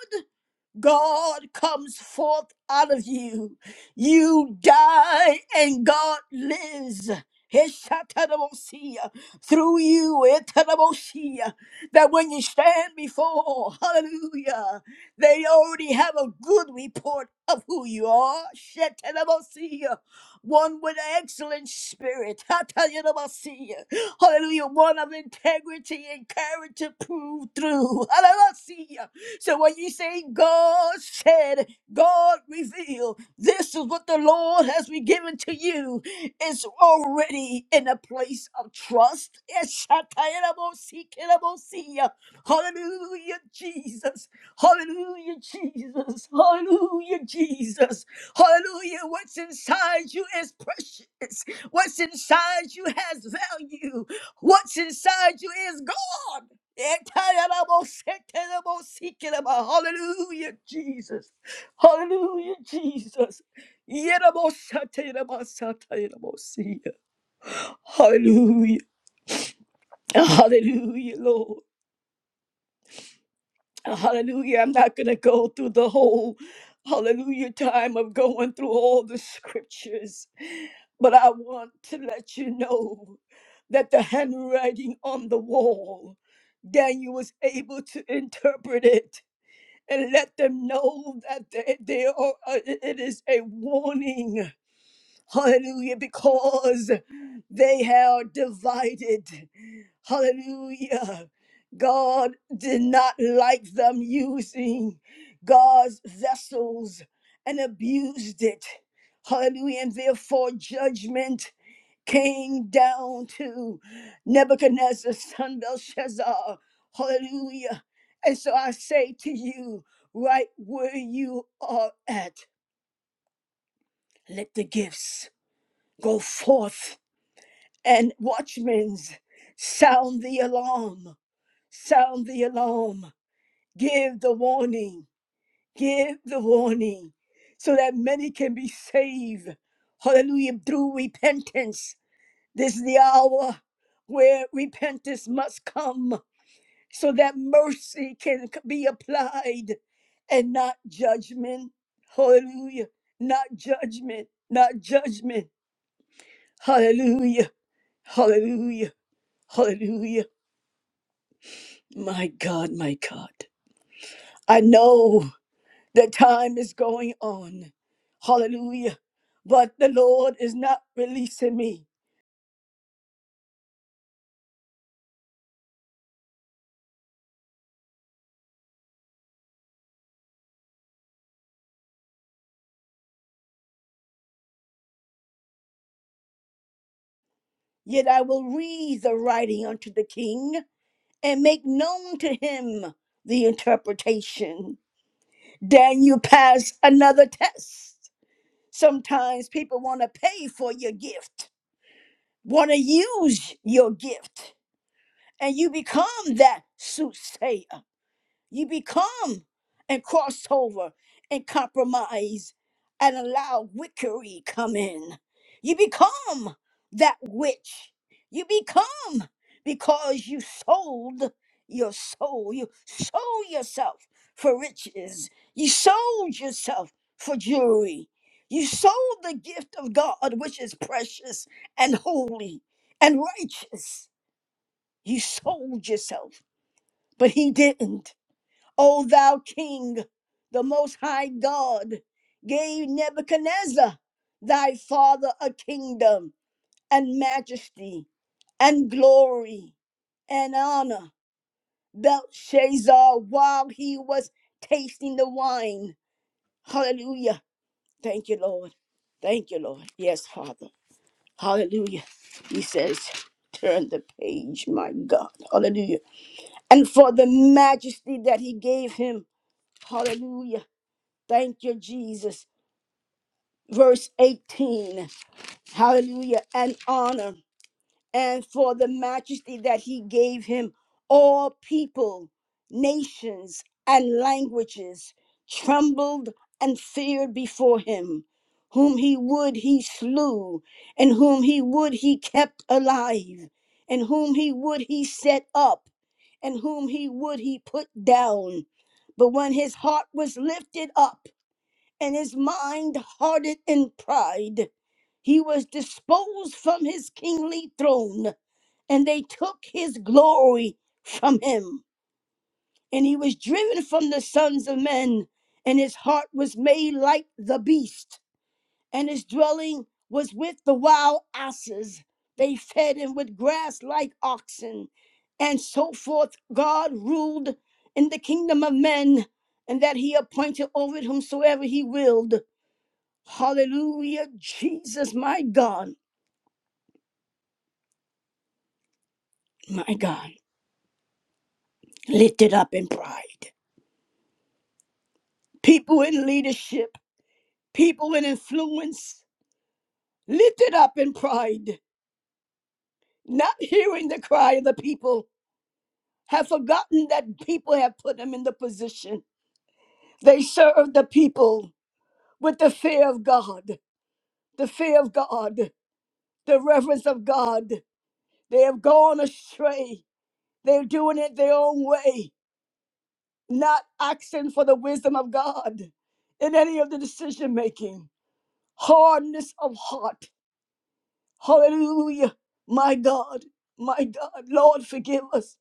A: God comes forth out of you. You die and God lives. Heshatarabosia, Through you, etarabosia, that when you stand before, hallelujah, they already have a good report of who you are. Shetarabosia, One with excellent spirit. Hatayarabosia, Hallelujah. One of integrity and character proved through. Hallelujah. So when you say God said, God revealed, this is what the Lord has been given to you. It's already in a place of trust. Hallelujah, Jesus. Hallelujah, Jesus. Hallelujah, Jesus. Hallelujah. What's inside you is precious. What's inside you has value. What's inside you is God. Hallelujah, Jesus. Hallelujah, Jesus. Hallelujah. Hallelujah, Lord. Hallelujah. I'm not going to go through the whole hallelujah time of going through all the scriptures, but I want to let you know that the handwriting on the wall, Daniel was able to interpret it. and let them know that they, they are, uh, it is a warning. Hallelujah, because they are divided. Hallelujah. God did not like them using God's vessels and abused it. Hallelujah. And therefore, judgment came down to Nebuchadnezzar's son Belshazzar. Hallelujah. And so I say to you, right where you are at, let the gifts go forth and watchmen sound the alarm, sound the alarm, give the warning, give the warning, so that many can be saved. Hallelujah, through repentance. This is the hour where repentance must come so that mercy can be applied and not judgment. Hallelujah. Not judgment. Not judgment. Hallelujah. Hallelujah. Hallelujah. My God, my God. I know that time is going on. Hallelujah. But the Lord is not releasing me. Yet I will read the writing unto the king. and make known to him the interpretation. Then you pass another test. Sometimes people want to pay for your gift, want to use your gift, and you become that soothsayer. You become and cross over and compromise and allow wickery come in. You become that witch. You become because you sold your soul. You sold yourself for riches. You sold yourself for jewelry. You sold the gift of God, which is precious and holy and righteous. You sold yourself, but He didn't. O thou king, the most high God, gave Nebuchadnezzar, thy father, a kingdom and majesty and glory and honor. Belshazzar, while he was tasting the wine. Hallelujah. Thank you, Lord. Thank you, Lord. Yes, Father. Hallelujah. He says, Turn the page, my God. Hallelujah. And for the majesty that he gave him. Hallelujah. Thank you, Jesus. Verse 18. Hallelujah. And honor. And for the majesty that he gave him, all people, nations, and languages trembled and feared before him. Whom he would, he slew, and whom he would, he kept alive, and whom he would, he set up, and whom he would, he put down. But when his heart was lifted up, and his mind hardened in pride. He was disposed from his kingly throne, and they took his glory from him. And he was driven from the sons of men, and his heart was made like the beast, and his dwelling was with the wild asses. They fed him with grass like oxen, and so forth. God ruled in the kingdom of men, and that he appointed over it whomsoever he willed. Hallelujah, Jesus, my God, my God, lifted up in pride. People in leadership, people in influence, lifted up in pride, not hearing the cry of the people, have forgotten that people have put them in the position. They serve the people with the fear of God, the fear of God, the reverence of God. They have gone astray. They're doing it their own way. not asking for the wisdom of God in any of the decision making, hardness of heart. Hallelujah. My God, my God, Lord, forgive us.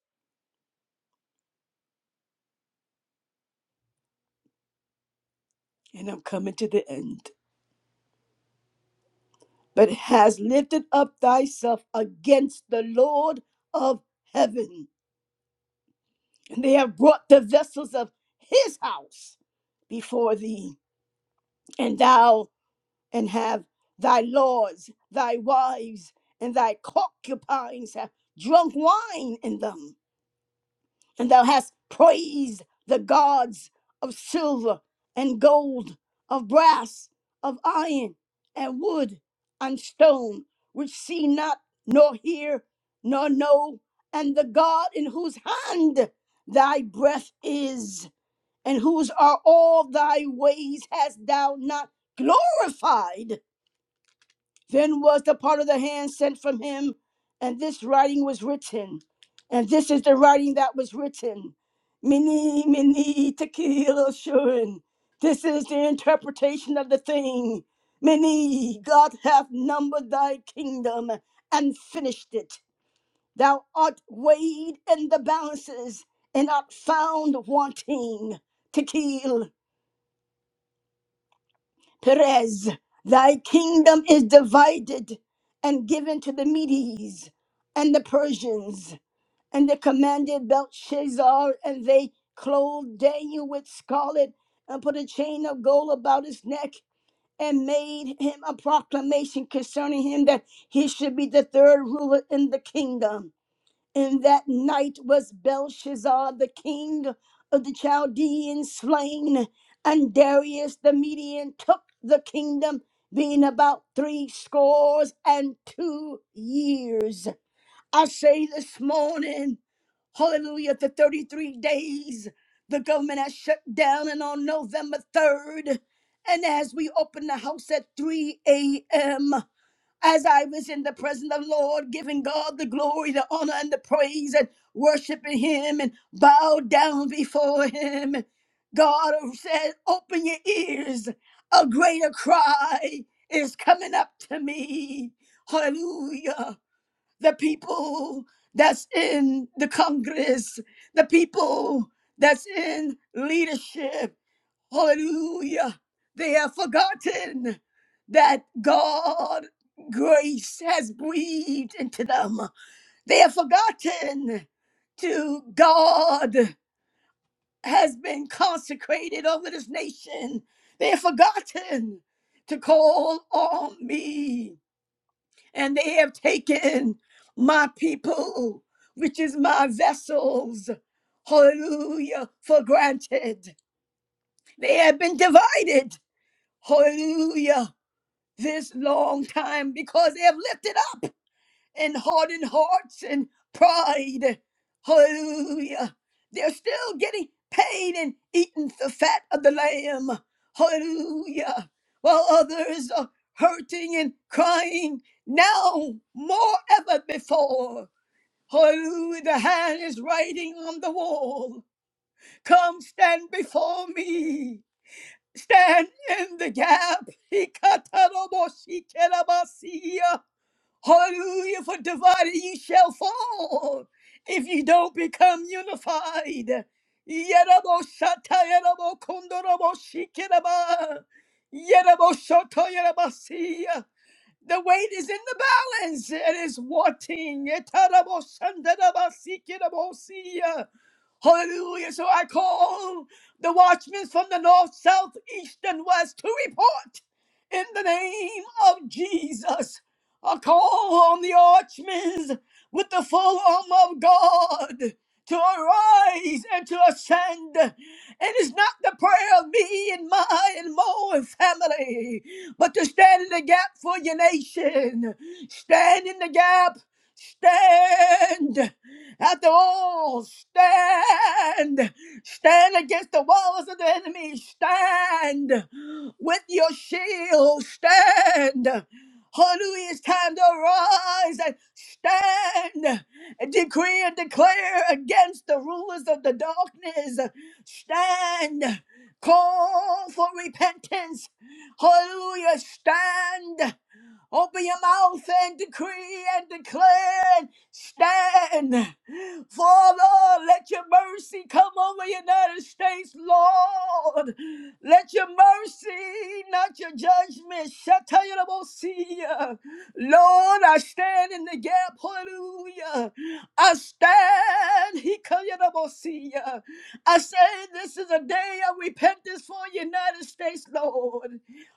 A: And I'm coming to the end. But has lifted up thyself against the Lord of heaven. And they have brought the vessels of his house before thee. And thou and have thy lords, thy wives, and thy concubines have drunk wine in them. And thou hast praised the gods of silver and gold, of brass, of iron, and wood, and stone, which see not, nor hear, nor know, and the God in whose hand thy breath is, and whose are all thy ways hast thou not glorified then was the part of the hand sent from him, and this writing was written. And this is the writing that was written. Mini, mini, tequila, shun. This is the interpretation of the thing. Mini, God hath numbered thy kingdom and finished it. Thou art weighed in the balances and art found wanting. Tequil, Perez, thy kingdom is divided and given to the Medes and the Persians. And they commanded Belshazzar, and they clothed Daniel with scarlet and put a chain of gold about his neck and made him a proclamation concerning him that he should be the third ruler in the kingdom. And that night was Belshazzar, the king of the Chaldeans, slain, and Darius the Median took the kingdom, being about three scores and two years. I say this morning, hallelujah, the 33 days the government has shut down, and on November 3rd, and as we open the house at 3 a.m as I was in the presence of the Lord, giving God the glory, the honor, and the praise, and worshiping Him and bowed down before Him. God said, Open your ears, a greater cry is coming up to me. Hallelujah. The people that's in the Congress, the people that's in leadership, Hallelujah. They have forgotten that God grace has breathed into them. They have forgotten to God has been consecrated over this nation. They have forgotten to call on me. And they have taken my people, which is my vessels, hallelujah, for granted. They have been divided hallelujah, this long time because they have lifted up and hardened hearts and pride. Hallelujah. They're still getting paid and eating the fat of the lamb. Hallelujah. While others are hurting and crying now more ever before. Hallelujah. The hand is writing on the wall. Come stand before me. Stand in the gap. Hikataroboshikerabasiya. Hallelujah. For divided you shall fall if you don't become unified. Yeraboshatayarabokondoroboshikiraba. Yeraboshotoyarabasiya. The weight is in the balance. It is wanting. Hallelujah. So I call the watchmen from the north, south, east, and west to report in the name of Jesus. I call on the watchmen with the full armor of God to arise and to ascend. And it's not the prayer of me and my and Mo and family but to stand in the gap for your nation. Stand in the gap. Stand. After all, stand. Stand against the walls of the enemy. Stand with your shield. Stand. Hallelujah. It's time to arise and stand and decree and declare against the rulers of the darkness. Stand. Call for repentance Hallelujah. Stand. Open your mouth and decree and declare and stand. Father, let your mercy come over the United States, Lord. Let your mercy, not your judgment, Shatayamosia. Lord, I stand in the gap. Hallelujah. I stand. Hikayamosia. I say this is a day of repentance for the United States, Lord.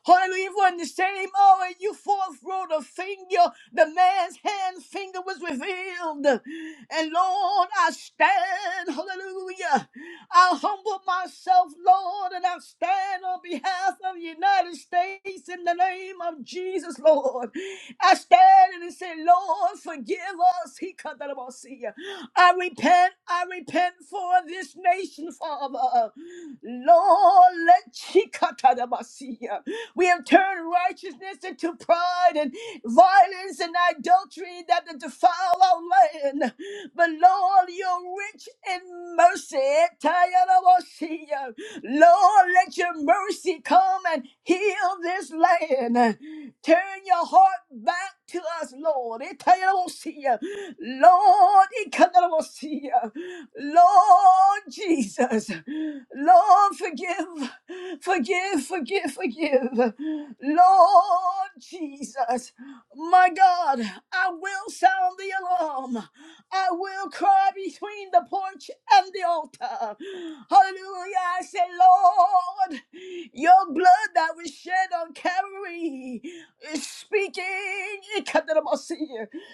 A: Hallelujah. For in the same hour you forth rolled a finger, the man's hand finger was revealed. And Lord, I stand, hallelujah. I humble myself, Lord, and I stand on behalf of the United States in the name of Jesus, Lord. I stand and say, Lord, forgive us. He cut that about see you. I repent, I repent for this nation, Father. Lord, let she cut that about see you. We have turned righteousness into pride and violence and adultery that defile our land. But Lord, you're rich in mercy. Tayarabashia. Lord, let your mercy come and heal this land. Turn your heart back to us, Lord. Itayarabashia. Lord, Ikandarabashia. Lord, Lord Jesus, Lord, forgive, forgive, forgive, forgive. Lord Jesus, my God, I will sound the alarm. I will cry between the porch and the altar. Hallelujah. I say, Lord, your blood that was shed on Calvary is speaking.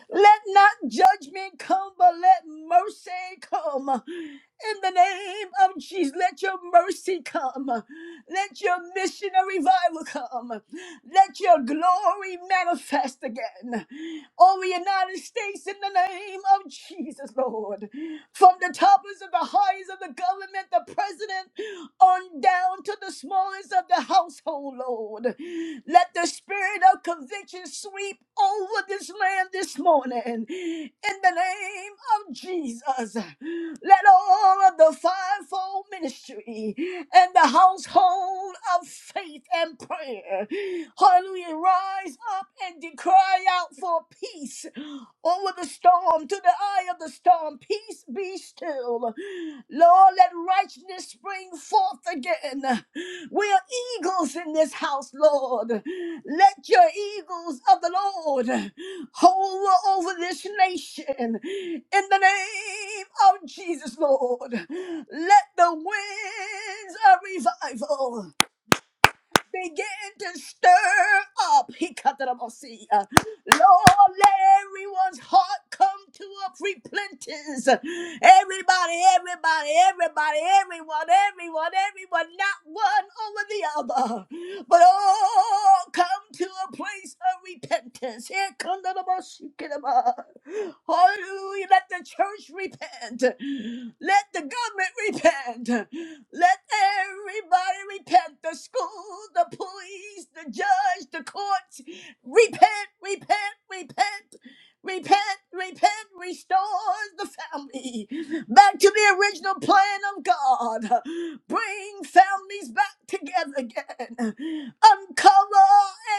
A: Let not judgment come, but let mercy come. In the name of Jesus, let your mercy come. Let your missionary revival come. Let your glory manifest again over the United States in the name of Jesus, Lord. From the toppers of the highest of the government, the president, on down to the smallest of the household, Lord. Let the spirit of conviction sweep over this land this morning in the name of Jesus. Let all of the fivefold ministry and the household of faith and prayer, hallelujah, rise up and de- cry out for peace over the storm, to the eye of the storm. Peace be still. Lord, let righteousness spring forth again. We are eagles in this house, Lord. Let your eagles of the Lord hover over this nation in the name of Jesus, Lord. Let the winds of revival Begin to stir up. He cut it up. I'll see. Uh, Lord, let everyone's heart come to a repentance. Everybody, everybody, everybody, everyone, everyone, everyone, not one over the other but oh, come to a place of repentance. Here come the Lord. Hallelujah. Let the church repent. Let the government repent. Let everybody repent. The school, the police, the judge, the courts. Repent, repent, repent. Repent, repent restores the family back to the original plan of God. Bring families back together again. Uncover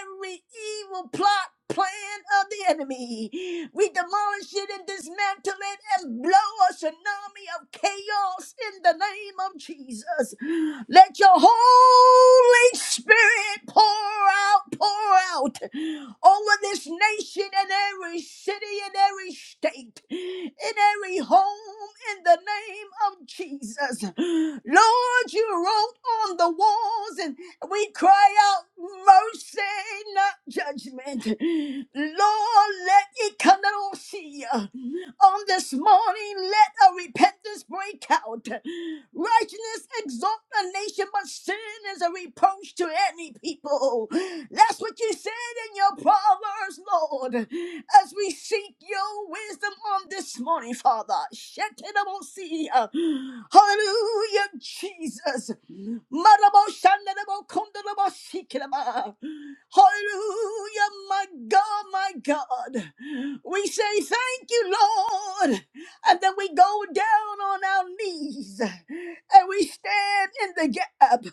A: every evil plot, plan of the enemy. We demolish it and dismantle it and blow a tsunami of chaos chaos in the name of Jesus. Let your Holy Spirit pour out, pour out over this nation and every city and every state, in every home in the name of Jesus. Lord, you wrote on the walls and we cry out mercy, not judgment. Lord, let it come out see you. On this morning, let a repentance break out. Righteousness exalt a nation, but sin is a reproach to any people. That's what you said in your proverbs, Lord. As we seek your wisdom on this morning, Father. Shetanamosia. Hallelujah, Jesus. Marabo shandarabo kondarabo shikiraba. Hallelujah, my God, my God. We say thank you, Lord. And then we go down on our knees and we stand in the gap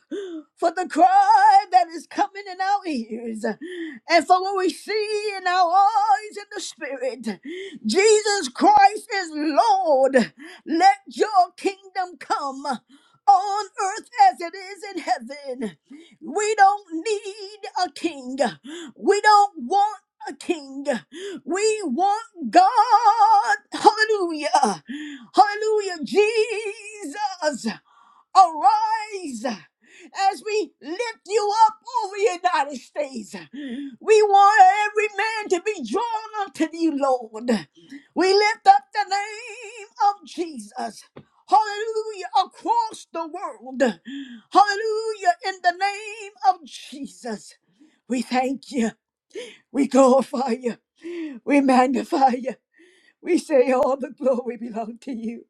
A: for the cry that is coming in our ears and for what we see in our eyes in the spirit. Jesus Christ is Lord. Let your kingdom come on earth as it is in heaven. We don't need a king. We don't want a king. We want God. Hallelujah. Hallelujah. Jesus arise as we lift you up over the United States. We want every man to be drawn unto thee, Lord. We lift up the name of Jesus. Hallelujah, across the world. Hallelujah, in the name of Jesus. We thank you. We glorify you. We magnify you. We say all the glory belong to you.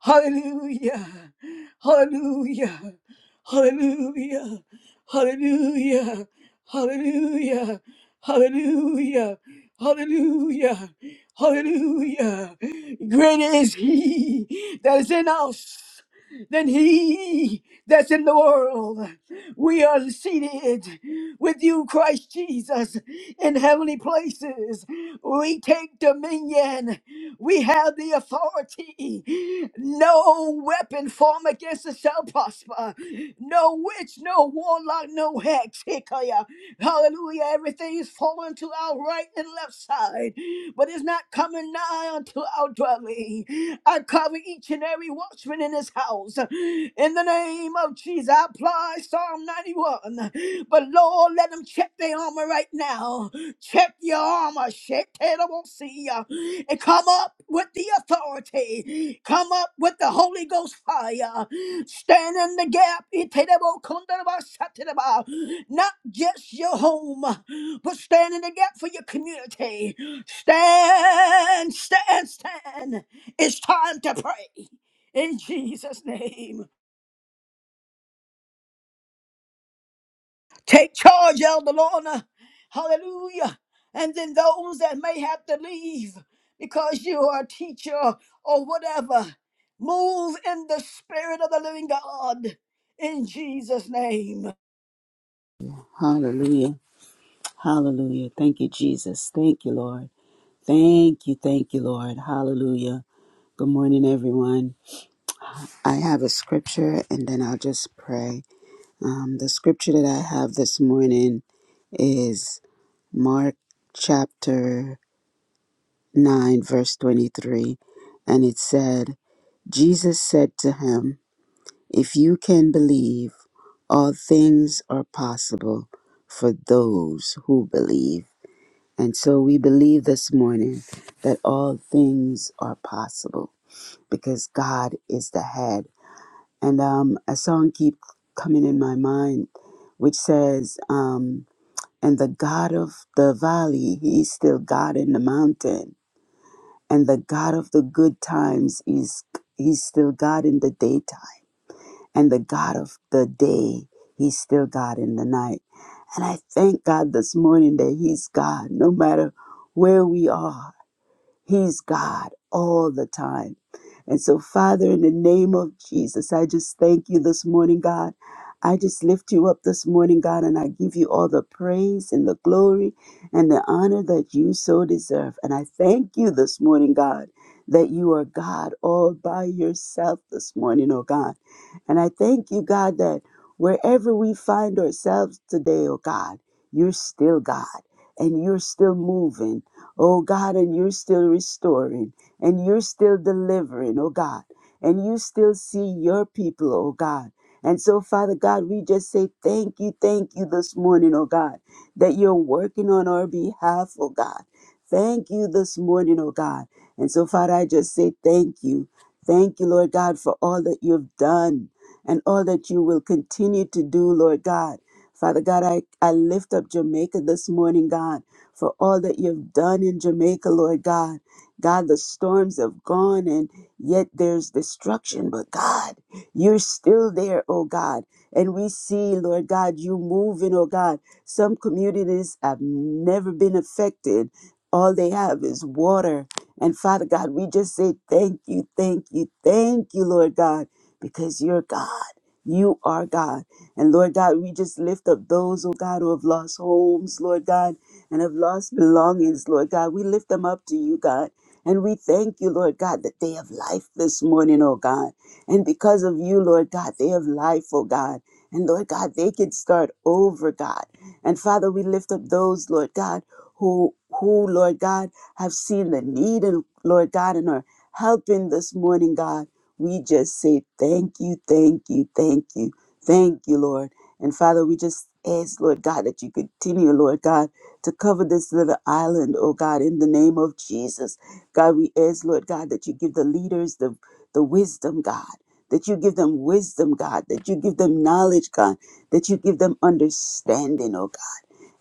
A: Hallelujah. Hallelujah. Hallelujah. Hallelujah. Hallelujah. Hallelujah. Hallelujah. Hallelujah. Greater is he that is in us than he that's in the world. We are seated with you, Christ Jesus, in heavenly places. We take dominion. We have the authority. No weapon formed against us shall prosper. No witch, no warlock, no hex. Hallelujah. Everything is falling to our right and left side, but it's not coming nigh unto our dwelling. I cover each and every watchman in this house. In the name of Jesus, I apply Psalm 91. But Lord, let them check their armor right now. Check your armor. Shake it, I won't see ya. And come up with the authority. Come up with the Holy Ghost fire. Stand in the gap. Ite de bo not just your home, but stand in the gap for your community. Stand, stand, stand. It's time to pray in Jesus' name. Take charge, Elder Lorna. Hallelujah. And then those that may have to leave because you are a teacher or whatever, move in the spirit of the living God in Jesus' name.
B: Hallelujah. Hallelujah. Thank you, Jesus. Thank you, Lord. Thank you. Thank you, Lord. Hallelujah. Good morning, everyone. I have a scripture and then I'll just pray. Um, the scripture that I have this morning is Mark chapter 9, verse 23. And it said, Jesus said to him, If you can believe, all things are possible for those who believe. And so we believe this morning that all things are possible because God is the head. And um, a song keeps coming in my mind, which says, um, And the God of the valley, he's still God in the mountain. And the God of the good times, he's, he's still God in the daytime and the God of the day, He's still God in the night. And I thank God this morning that He's God no matter where we are. He's God all the time. And so, Father, in the name of Jesus, I just thank you this morning, God. I just lift you up this morning, God, and I give you all the praise and the glory and the honor that you so deserve. And I thank you this morning, God, that you are God all by yourself this morning, oh God. And I thank you, God, that wherever we find ourselves today, oh God, you're still God and you're still moving oh God, and you're still restoring and you're still delivering, oh God, and you still see your people, oh God. And so, Father God, we just say thank you, thank you this morning, oh God, that you're working on our behalf, oh God. Thank you this morning, oh God. And so, Father, I just say thank you. Thank you, Lord God, for all that you've done and all that you will continue to do, Lord God. Father God, I, I lift up Jamaica this morning, God for all that you've done in Jamaica, Lord God. God, the storms have gone and yet there's destruction, but God, you're still there, oh God. And we see, Lord God, you moving, oh God. Some communities have never been affected. All they have is water. And Father God, we just say thank you, thank you, thank you, Lord God, because you're God. You are God. And Lord God, we just lift up those, oh God, who have lost homes, Lord God and have lost belongings, Lord God. We lift them up to you, God. And we thank you, Lord God, that they have life this morning, oh God. And because of you, Lord God, they have life, oh God. And Lord God, they can start over, God. And Father, we lift up those, Lord God, who who, Lord God, have seen the need and Lord God and are helping this morning, God. We just say thank you, thank you, thank you, thank you, Lord. And Father, we just ask, Lord God, that you continue, Lord God to cover this little island, oh God, in the name of Jesus. God, we ask, Lord God, that you give the leaders the, the wisdom, God, that you give them wisdom, God, that you give them knowledge, God, that you give them understanding, oh God.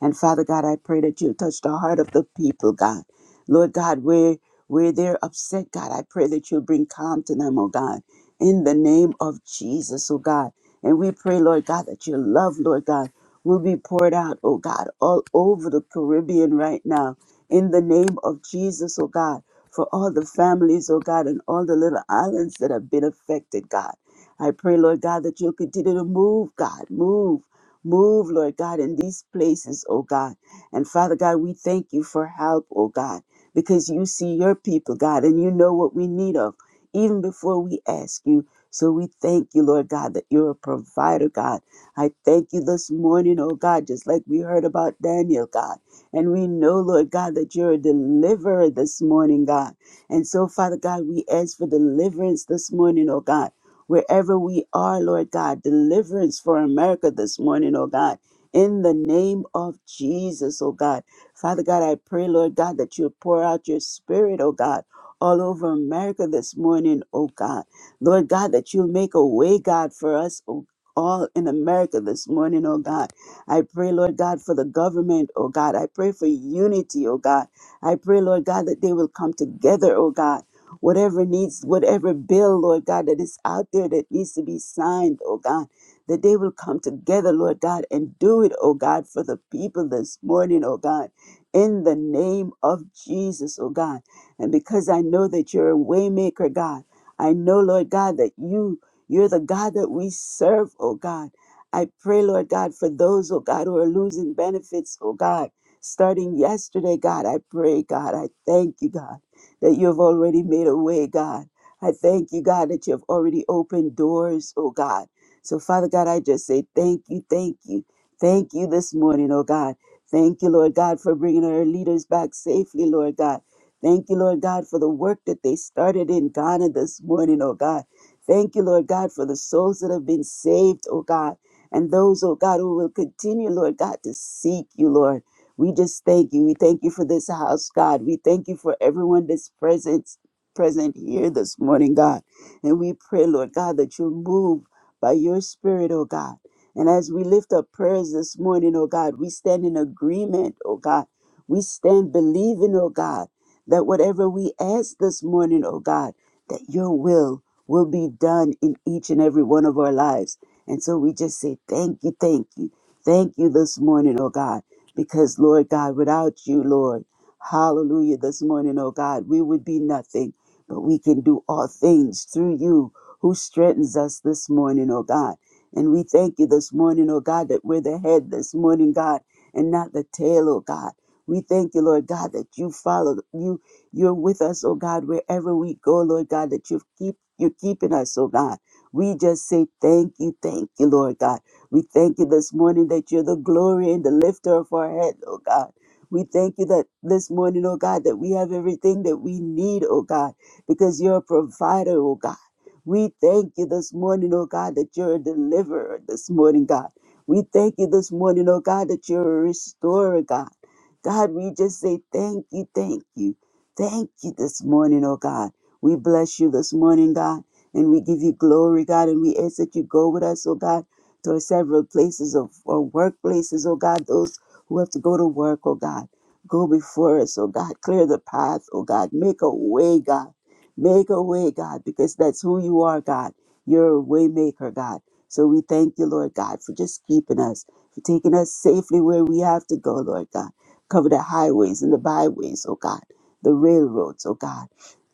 B: And Father God, I pray that you touch the heart of the people, God. Lord God, where where they're upset, God, I pray that you will bring calm to them, oh God, in the name of Jesus, oh God. And we pray, Lord God, that your love, Lord God, will be poured out, oh God, all over the Caribbean right now, in the name of Jesus, oh God, for all the families, oh God, and all the little islands that have been affected, God. I pray, Lord God, that you'll continue to move, God, move Move, Lord God, in these places, oh God. And Father God, we thank you for help, oh God, because you see your people, God, and you know what we need of even before we ask you. So we thank you, Lord God, that you're a provider, God. I thank you this morning, oh God, just like we heard about Daniel, God. And we know, Lord God, that you're a deliverer this morning, God. And so, Father God, we ask for deliverance this morning, oh God wherever we are, Lord God. Deliverance for America this morning, oh God. In the name of Jesus, oh God. Father God, I pray, Lord God, that you pour out your spirit, oh God, all over America this morning, oh God. Lord God, that you make a way, God, for us, oh all in America this morning, oh God. I pray, Lord God, for the government, oh God. I pray for unity, oh God. I pray, Lord God, that they will come together, oh God whatever needs, whatever bill, Lord God, that is out there that needs to be signed, oh God, that they will come together, Lord God, and do it, oh God, for the people this morning, oh God, in the name of Jesus, oh God. And because I know that you're a waymaker, God, I know, Lord God, that you you're the God that we serve, oh God. I pray, Lord God, for those, oh God, who are losing benefits, oh God, starting yesterday, God. I pray, God, I thank you, God that you have already made a way, God. I thank you, God, that you have already opened doors, oh God. So, Father God, I just say thank you, thank you, thank you this morning, oh God. Thank you, Lord God, for bringing our leaders back safely, Lord God. Thank you, Lord God, for the work that they started in Ghana this morning, oh God. Thank you, Lord God, for the souls that have been saved, oh God. And those, oh God, who will continue, Lord God, to seek you, Lord. We just thank you. We thank you for this house, God. We thank you for everyone that's present present here this morning, God. And we pray, Lord God, that you move by your spirit, oh God. And as we lift up prayers this morning, oh God, we stand in agreement, oh God. We stand believing, oh God, that whatever we ask this morning, oh God, that your will will be done in each and every one of our lives. And so we just say, thank you, thank you, thank you this morning, oh God. Because, Lord God, without you, Lord, hallelujah, this morning, oh God, we would be nothing, but we can do all things through you who strengthens us this morning, oh God. And we thank you this morning, oh God, that we're the head this morning, God, and not the tail, oh God. We thank you, Lord God, that you follow you. You're with us, oh God, wherever we go, Lord God, that you keep you're keeping us, oh God. We just say thank you, thank you, Lord God. We thank you this morning that you're the glory and the lifter of our head, oh God. We thank you that this morning, oh God, that we have everything that we need, oh God, because you're a provider, oh God. We thank you this morning, oh God, that you're a deliverer this morning, God. We thank you this morning, oh God, that you're a restorer, God. God, we just say thank you, thank you, thank you this morning, oh God. We bless you this morning, God, and we give you glory, God, and we ask that you go with us, oh God to several places of or workplaces, oh God, those who have to go to work, oh God. Go before us, oh God. Clear the path, oh God. Make a way, God. Make a way, God, because that's who you are, God. You're a way maker, God. So we thank you, Lord God, for just keeping us, for taking us safely where we have to go, Lord God. Cover the highways and the byways, oh God, the railroads, oh God.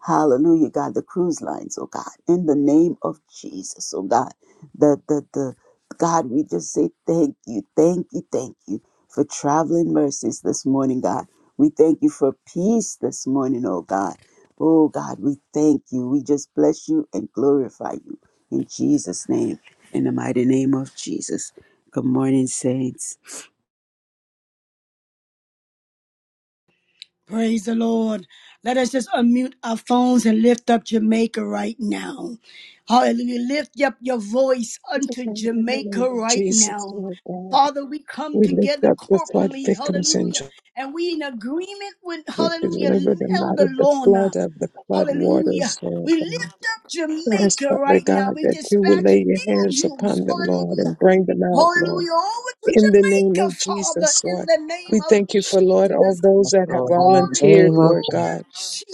B: Hallelujah, God, the cruise lines, oh God, in the name of Jesus, oh God. the the the. God, we just say thank you, thank you, thank you for traveling mercies this morning, God. We thank you for peace this morning, oh God. Oh God, we thank you. We just bless you and glorify you in Jesus' name, in the mighty name of Jesus. Good morning, saints.
A: Praise the Lord. Let us just unmute our phones and lift up Jamaica right now. Hallelujah. Lift up your voice
C: It's
A: unto
C: okay. In the name
A: Jamaica
C: of
A: right
C: Jesus,
A: now.
C: Lord God,
A: Father, we come
C: we lift
A: together
C: up the flood
A: corporately,
C: victims and
A: hallelujah,
C: ju-
A: and we in agreement with,
C: we
A: hallelujah,
C: deliver them out
A: Elder
C: of the
A: Lorna,
C: flood of the flood
A: hallelujah.
C: waters, Lord
A: We
C: God.
A: lift up
C: We ask,
A: Jamaica
C: Father
A: right now.
C: God,
A: We
C: that you will
A: dispatch
C: lay your hands
A: angels,
C: upon them, Lord,
A: hallelujah,
C: and bring them out, Lord.
A: hallelujah, over to
C: In the name
A: Jamaica,
C: of
A: Father,
C: Jesus,
A: in
C: Lord,
A: the name
C: we
A: of
C: thank you for, Lord, all
A: Jesus.
C: those
D: Yes,
C: that have
D: Lord, in the
C: volunteered,
D: name of
C: Lord
A: Hallelujah,
D: Jesus,
C: God,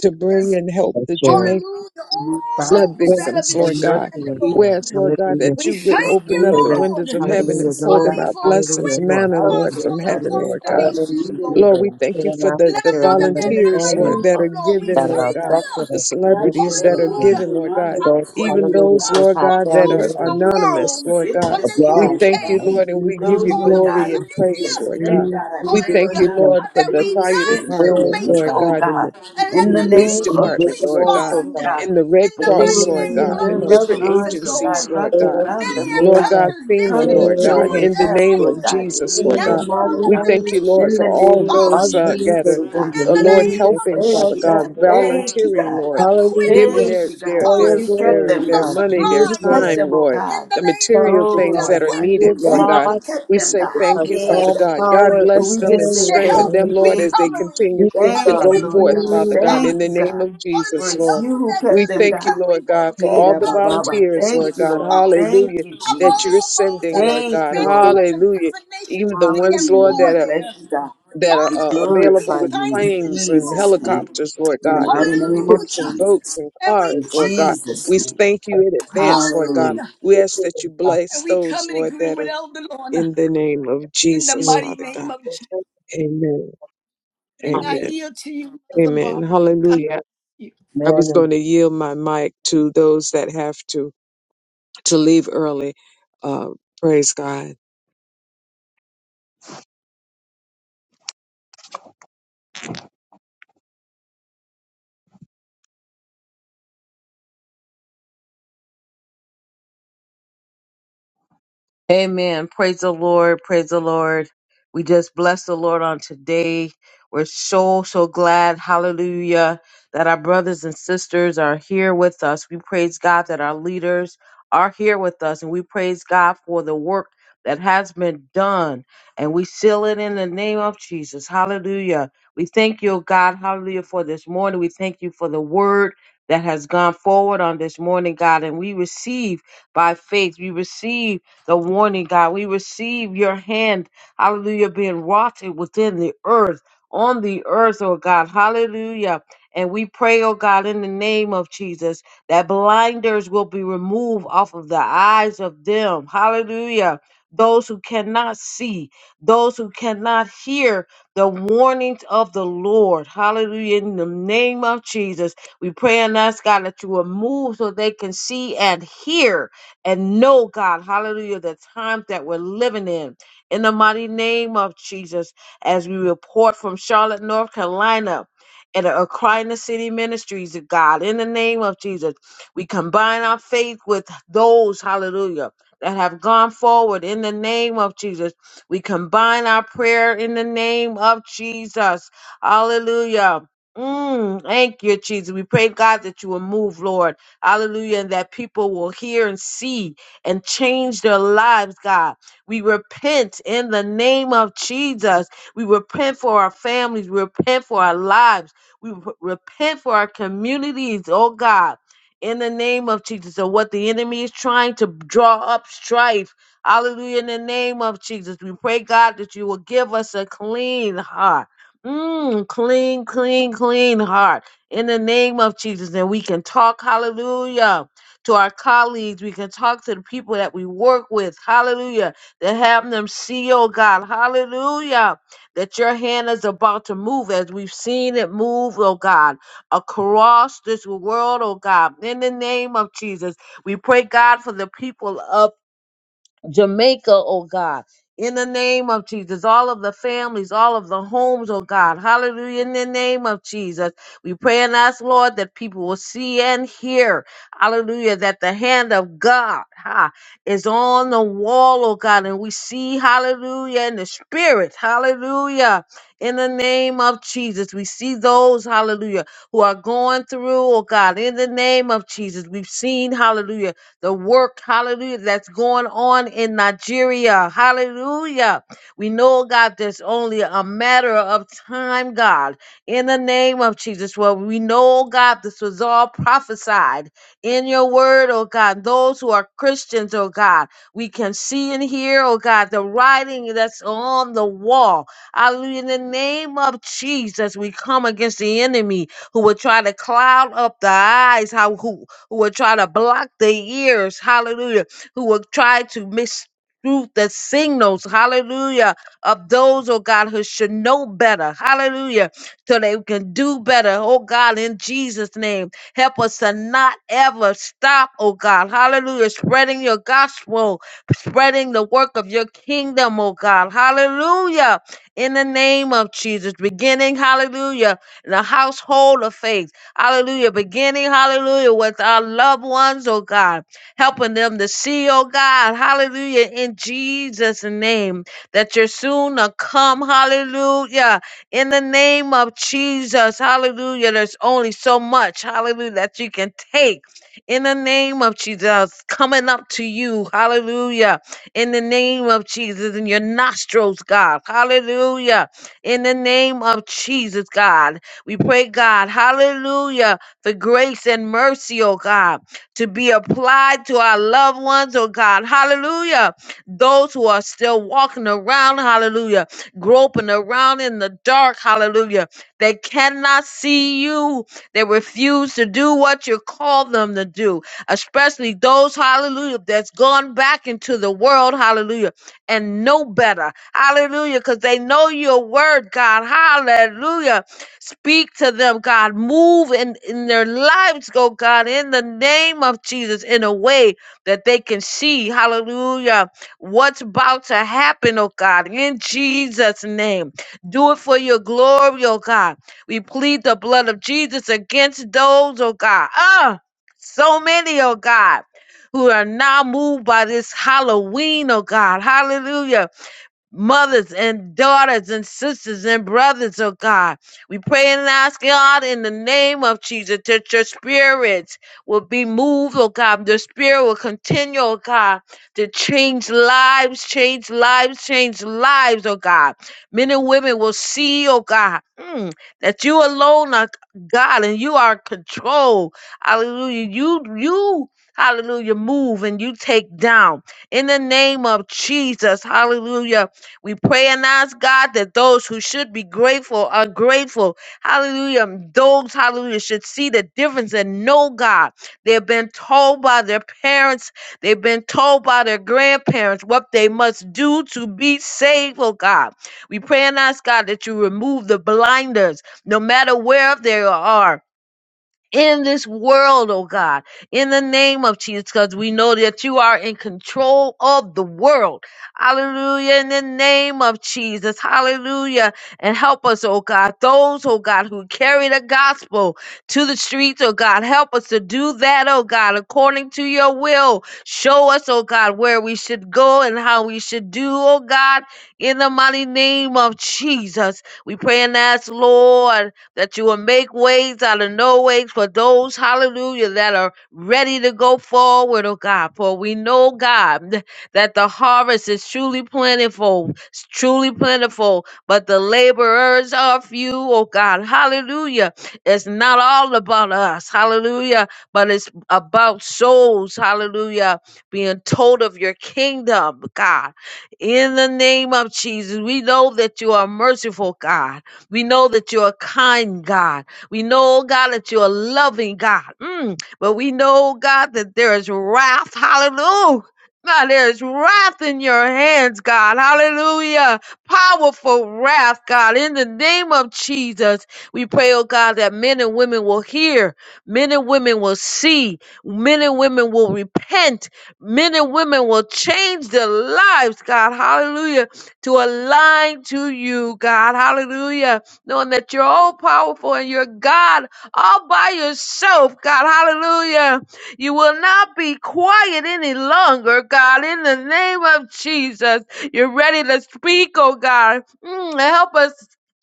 C: to bring and help the
D: share
C: Jamaican.
A: Hallelujah.
B: Move
A: All
B: by
C: flood
A: those
D: faith
B: this
A: that have
C: victims,
A: been
C: Lord
D: and mercy
C: God.
A: stranded,
D: with
B: in
D: God.
C: Whereas,
A: Lord.
C: Lord God,
D: Hallelujah.
C: that
A: We
C: you would
B: the
A: thank you,
C: open up
B: name
D: Say
C: the
D: that,
B: of
C: windows
A: Lord.
C: of heaven and
D: hallelujah,
B: Jesus,
C: pour
B: oh
D: those,
C: them
B: God.
A: Hallelujah,
C: out
A: for a
C: blessings,
D: hallelujah,
A: quick
D: who are
C: manna,
B: Help,
C: Lord,
A: response
D: faithful,
A: from
C: from
B: Lord
A: the
B: God,
C: heaven,
B: where
A: cross
C: Lord
A: the
B: help
D: Lord,
C: God.
B: is
D: in
A: nations,
B: needed,
D: Jesus'
A: Lord.
B: oh God.
C: Lord, we
D: name.
A: Let
C: thank
D: Pray
C: you
D: and
C: for
D: ask
C: the,
D: that
C: the
A: them
D: you
A: know that
D: remember
A: they're
B: In
D: the
B: the
A: not
C: volunteers,
D: family
C: Lord,
B: name
C: that are
A: alone,
B: of
A: Lord. We
C: given,
D: that
B: Jesus,
C: Lord
D: are
B: oh
A: thank
C: God,
B: God.
A: you.
D: affected
C: the
D: us
B: Wrap
D: in
B: your
C: celebrities that
D: Jesus'
C: are
B: loving
D: name.
B: arms
A: Hallelujah.
C: given, Lord
B: around
C: God,
A: A
B: them
D: Those,
B: this
A: quick
B: morning,
C: even
B: oh
D: hallelujah,
C: those,
B: God.
D: who
A: response
C: Lord
A: from
D: have
C: God, that
D: family
C: are
A: across
B: lift up
D: members
A: the
B: those who are
C: anonymous,
A: world,
C: Lord
B: sick
C: God.
A: from the
B: this
C: We
D: abroad,
B: morning, oh
D: God.
C: thank you,
B: God.
D: hallelujah,
A: UK.
C: Lord, and we give you
B: Those,
A: Father,
B: Lord
D: in
A: we
B: God,
C: glory
B: who
C: and
A: thank
B: need your
C: praise,
A: you.
C: Lord God.
B: strength, God, I
C: We
B: pray,
D: Jesus'
C: thank
B: Lord
C: you,
A: Hallelujah.
B: God,
D: name.
C: Lord, for
A: That
B: that
C: the
A: we
B: you would
C: fire
B: strengthen the
D: Praise
C: department,
A: love
D: of
B: weak,
C: Lord
A: Jamaica.
D: God,
B: oh
C: God, and the
B: God,
A: and let
B: in the
A: the
C: police
B: name of
A: nations
C: department, Lord
D: invisible,
B: Jesus,
C: God,
D: so
B: oh
A: respond
D: God.
C: and
B: God,
C: the
A: in
C: Red
A: the
B: that they
D: In
C: Cross,
D: the
A: mighty
B: will
C: Lord
A: name
B: feel
C: God,
A: of
B: your
D: name
C: and
D: of
C: different
B: loving
A: Jesus,
B: arms, oh God,
C: agencies,
A: Lord.
C: Lord
B: wrapped
C: God.
D: Yes,
B: around
A: Many
B: them, oh
A: have
C: Lord
D: yes,
B: God,
A: come
C: God,
A: to visit
C: FEMA,
A: and
B: coming
C: Lord
B: to
C: God,
A: enjoy
B: their
C: in the
D: yes.
A: that
B: help,
C: name
B: Lord
C: of
A: island.
B: God,
C: Jesus,
D: In
C: Lord
B: aiding
A: Now,
D: the
C: God.
B: them,
D: mighty
A: Lord,
B: oh
A: let
C: We
B: God,
A: the
C: thank
D: name
C: you,
A: nations
C: Lord,
B: in
C: for
B: the
C: all
B: name of
C: those
D: of
A: respond
C: uh, that
D: Jesus,
B: Jesus,
C: are,
B: oh
D: in
B: God.
D: the
A: in
C: uh,
A: the
C: Lord,
B: We
D: name
A: name
D: of
B: just
D: the
A: of
C: helping,
B: thank
C: Father
B: you,
D: Father,
C: God,
A: Jesus,
B: God.
D: and
A: Lord.
B: Thank you,
C: volunteering,
B: God.
A: A
C: Lord,
A: quick
C: giving
D: hallelujah.
B: Thank
C: their,
B: you,
C: their,
B: God, because
D: Oil
C: their,
B: you
A: response
B: kept
C: their,
D: glory,
B: them,
C: their
A: of
D: God,
B: God.
C: money,
D: be
C: their
D: it
B: You kept
C: time,
D: Lord,
A: supplies
B: them, oh
C: Lord,
A: in
B: God.
A: the
C: the
A: name
D: because
C: material
A: of
D: to
B: Oh,
A: Jesus.
C: things
A: A
D: God,
B: Lord
C: that are
A: quick
B: God,
D: be
B: you
C: needed,
D: it
C: Lord
B: thank
C: God.
D: God,
B: you
A: response
B: kept
C: We
B: them,
C: say
A: of
B: God.
C: thank
D: because
C: you,
B: Yay,
C: Father
D: all
B: God.
C: God. God
D: power
A: machinery
D: is
B: And
C: bless
B: we
C: them
B: just
C: and
B: say
A: to
D: in your
C: strengthen
A: help
B: thank
C: them,
B: you,
D: hand.
C: Lord, as
B: thank
C: they
B: you.
A: recovery,
C: continue
D: We say,
A: a
C: to
B: Thank
D: God,
C: go
B: you,
A: quick
B: Lord
C: forth,
B: God.
C: Father
D: you
C: God, in
B: Thank
C: the
B: you,
A: response.
C: name
B: God.
C: of
B: For
C: Jesus,
A: Hallelujah,
B: it's
C: Lord.
B: you
A: those
B: who
A: that
B: kept
C: We
A: does
B: them,
C: thank you,
B: God.
A: recovery
C: Lord God,
A: work,
C: for
B: Hey,
C: all
B: da,
C: the
A: a
B: ba, ba,
A: quick
B: ba.
C: volunteers, Lord
B: Thank you,
C: God.
B: Lord.
A: response
C: Hallelujah.
B: Thank you,
A: of
C: That you're
B: Jesus.
A: all those that
C: sending,
A: have
C: Lord
A: been
B: Thank
C: God.
B: you,
A: stranded
D: trust
B: Lord.
A: from the
C: Hallelujah.
A: different nations
C: Even the
A: because they have
C: ones,
B: Hallelujah.
C: Lord,
A: poor
B: We
C: that are
B: bless
A: there.
B: you, God.
C: that are
B: We
C: uh,
A: Father, we
C: available
B: glorify
C: with
B: you
A: thank
B: in
A: you
C: planes
A: this
C: and
B: Jesus'
A: morning.
B: name.
C: helicopters, Lord
B: In the
C: God, and
B: mighty name of
C: ships and
A: Hallelujah.
C: boats
B: Jesus.
C: and
A: And we
C: cars,
B: In
C: Lord God.
A: praise
B: Jesus'
C: We
A: you.
B: name.
C: thank you in advance, Lord God.
B: Hallelujah.
A: Hallelujah.
C: We ask
D: in
C: that you
D: God,
A: And
C: bless
A: we
C: those,
A: come in
C: Lord,
A: agreement
C: that
A: with
C: are
A: Elder Lorna
C: in the name of
A: in the
C: Jesus,
D: you are
A: mighty
C: Father
A: name
C: God.
A: of
D: the God.
C: Amen.
A: And I
C: Amen.
A: yield to you, Mother
C: Amen.
A: Barbara. God bless
C: Hallelujah.
A: you.
C: I was
D: Amen
C: going to yield my mic to those that have to to leave early. Uh, praise God.
D: Amen. Praise the Lord. Praise the Lord. We just bless the Lord on today. We're so, so glad. Hallelujah. That our brothers and sisters are here with us. We praise God that our leaders are here with us. And we praise God for the work that has been done. And we seal it in the name of Jesus. Hallelujah. We thank you, God. Hallelujah. For this morning. We thank you for the word that has gone forward on this morning, God. And we receive by faith. We receive the warning, God. We receive your hand, hallelujah, being wrought within the earth, on the earth, oh God, hallelujah. And we pray, oh God, in the name of Jesus, that blinders will be removed off of the eyes of them, hallelujah. Those who cannot see, those who cannot hear the warnings of the Lord. Hallelujah. In the name of Jesus, we pray and ask God that you will move so they can see and hear and know, God, hallelujah, the times that we're living in. In the mighty name of Jesus, as we report from Charlotte, North Carolina. And at Aquinas City Ministries, God, in the name of Jesus, we combine our faith with those, hallelujah, that have gone forward in the name of Jesus. We combine our prayer in the name of Jesus. Hallelujah. Mm, thank you, Jesus. We pray, God, that you will move, Lord. Hallelujah. And that people will hear and see and change their lives, God. We repent in the name of Jesus. We repent for our families. We repent for our lives. We re- repent for our communities, oh God. In the name of Jesus, and what the enemy is trying to draw up strife. Hallelujah. In the name of Jesus, we pray, God, that you will give us a clean heart. Mm, clean, clean, clean heart in the name of Jesus. And we can talk, hallelujah, to our colleagues. We can talk to the people that we work with, hallelujah, to have them see, oh God, hallelujah, that your hand is about to move as we've seen it move, oh God, across this world, oh God, in the name of Jesus. We pray, God, for the people of Jamaica, oh God. In the name of Jesus, all of the families, all of the homes, oh God. Hallelujah. In the name of Jesus, we pray and ask, Lord, that people will see and hear. Hallelujah. That the hand of God ha, is on the wall, oh God. And we see, hallelujah, in the spirit. Hallelujah. In the name of Jesus, we see those, hallelujah, who are going through, oh God. In the name of Jesus, we've seen, hallelujah the work, hallelujah, that's going on in Nigeria. Hallelujah. We know, God, there's only a matter of time, God, in the name of Jesus. Well, we know, God, this was all prophesied in your word, oh God. Those who are Christians, oh God, we can see and hear, oh God, the writing that's on the wall. Hallelujah. In the name of Jesus, we come against the enemy who will try to cloud up the eyes, how who who will try to block the ears, hallelujah, who will try to miss through the signals, hallelujah, of those, oh God, who should know better, hallelujah, so they can do better, oh God, in Jesus' name. Help us to not ever stop, oh God, hallelujah, spreading your gospel, spreading the work of your kingdom, oh God, hallelujah, in the name of Jesus, beginning, hallelujah, in the household of faith. Hallelujah. Beginning, hallelujah, with our loved ones, oh God, helping them to see, oh God, hallelujah, in Jesus' name, that you're soon to come, hallelujah, in the name of Jesus, hallelujah. There's only so much, hallelujah, that you can take in the name of Jesus, coming up to you, hallelujah, in the name of Jesus, in your nostrils, God, hallelujah, in the name of Jesus, God. We pray, God, hallelujah, for grace and mercy, oh God, to be applied to our loved ones, oh God, hallelujah. Those who are still walking around, hallelujah, groping around in the dark, hallelujah. They cannot see you. They refuse to do what you call them to do, especially those, hallelujah, that's gone back into the world, hallelujah, and know better, hallelujah, because they know your word, God, hallelujah Speak to them, God. Move in, in their lives, go God, in the name of Jesus, in a way that they can see, hallelujah, what's about to happen, oh God, in Jesus' name. Do it for your glory, oh God. We plead the blood of Jesus against those, oh God. Ah, so many, oh God. Who are now moved by this Halloween, oh God. Hallelujah mothers and daughters and sisters and brothers, oh God. We pray and ask God in the name of Jesus that your spirits will be moved, oh God. The spirit will continue, oh God, to change lives, change lives, change lives, oh God. Men and women will see, oh God, mm, that you alone are God and you are in control. Hallelujah. You, you. Hallelujah, move and you take down in the name of Jesus. Hallelujah we pray and ask God that those who should be grateful are grateful. Hallelujah. Those, hallelujah, should see the difference and know God. They've been told by their parents, they've been told by their grandparents what they must do to be saved, oh God. We pray and ask God that you remove the blinders, no matter where they are in this world, oh God, in the name of Jesus, because we know that you are in control of the world. Hallelujah. In the name of Jesus. Hallelujah. And help us, oh God, those, oh God, who carry the gospel to the streets, oh God, help us to do that, oh God, according to your will. Show us, oh God, where we should go and how we should do, oh God, in the mighty name of Jesus. We pray and ask, Lord that you will make ways out of no ways for those, hallelujah, that are ready to go forward, oh God. For we know, God, that the harvest is truly plentiful, it's truly plentiful, but the laborers are few, oh God. Hallelujah. It's not all about us, hallelujah, but it's about souls, hallelujah, being told of your kingdom, God. In the name of Jesus, we know that you are merciful, God. We know that you're a kind God. We know, oh God, that you're a loving God. Mm. But we know, oh God, that there is wrath. Hallelujah. God, there is wrath in your hands, God. Hallelujah. Powerful wrath, God. In the name of Jesus, we pray, oh God, that men and women will hear, men and women will see, men and women will repent, men and women will change their lives, God. Hallelujah. To align to you, God. Hallelujah knowing that you're all powerful and you're God all by yourself, God. Hallelujah. You will not be quiet any longer, God, in the name of Jesus. You're ready to speak, oh God. Mm, help us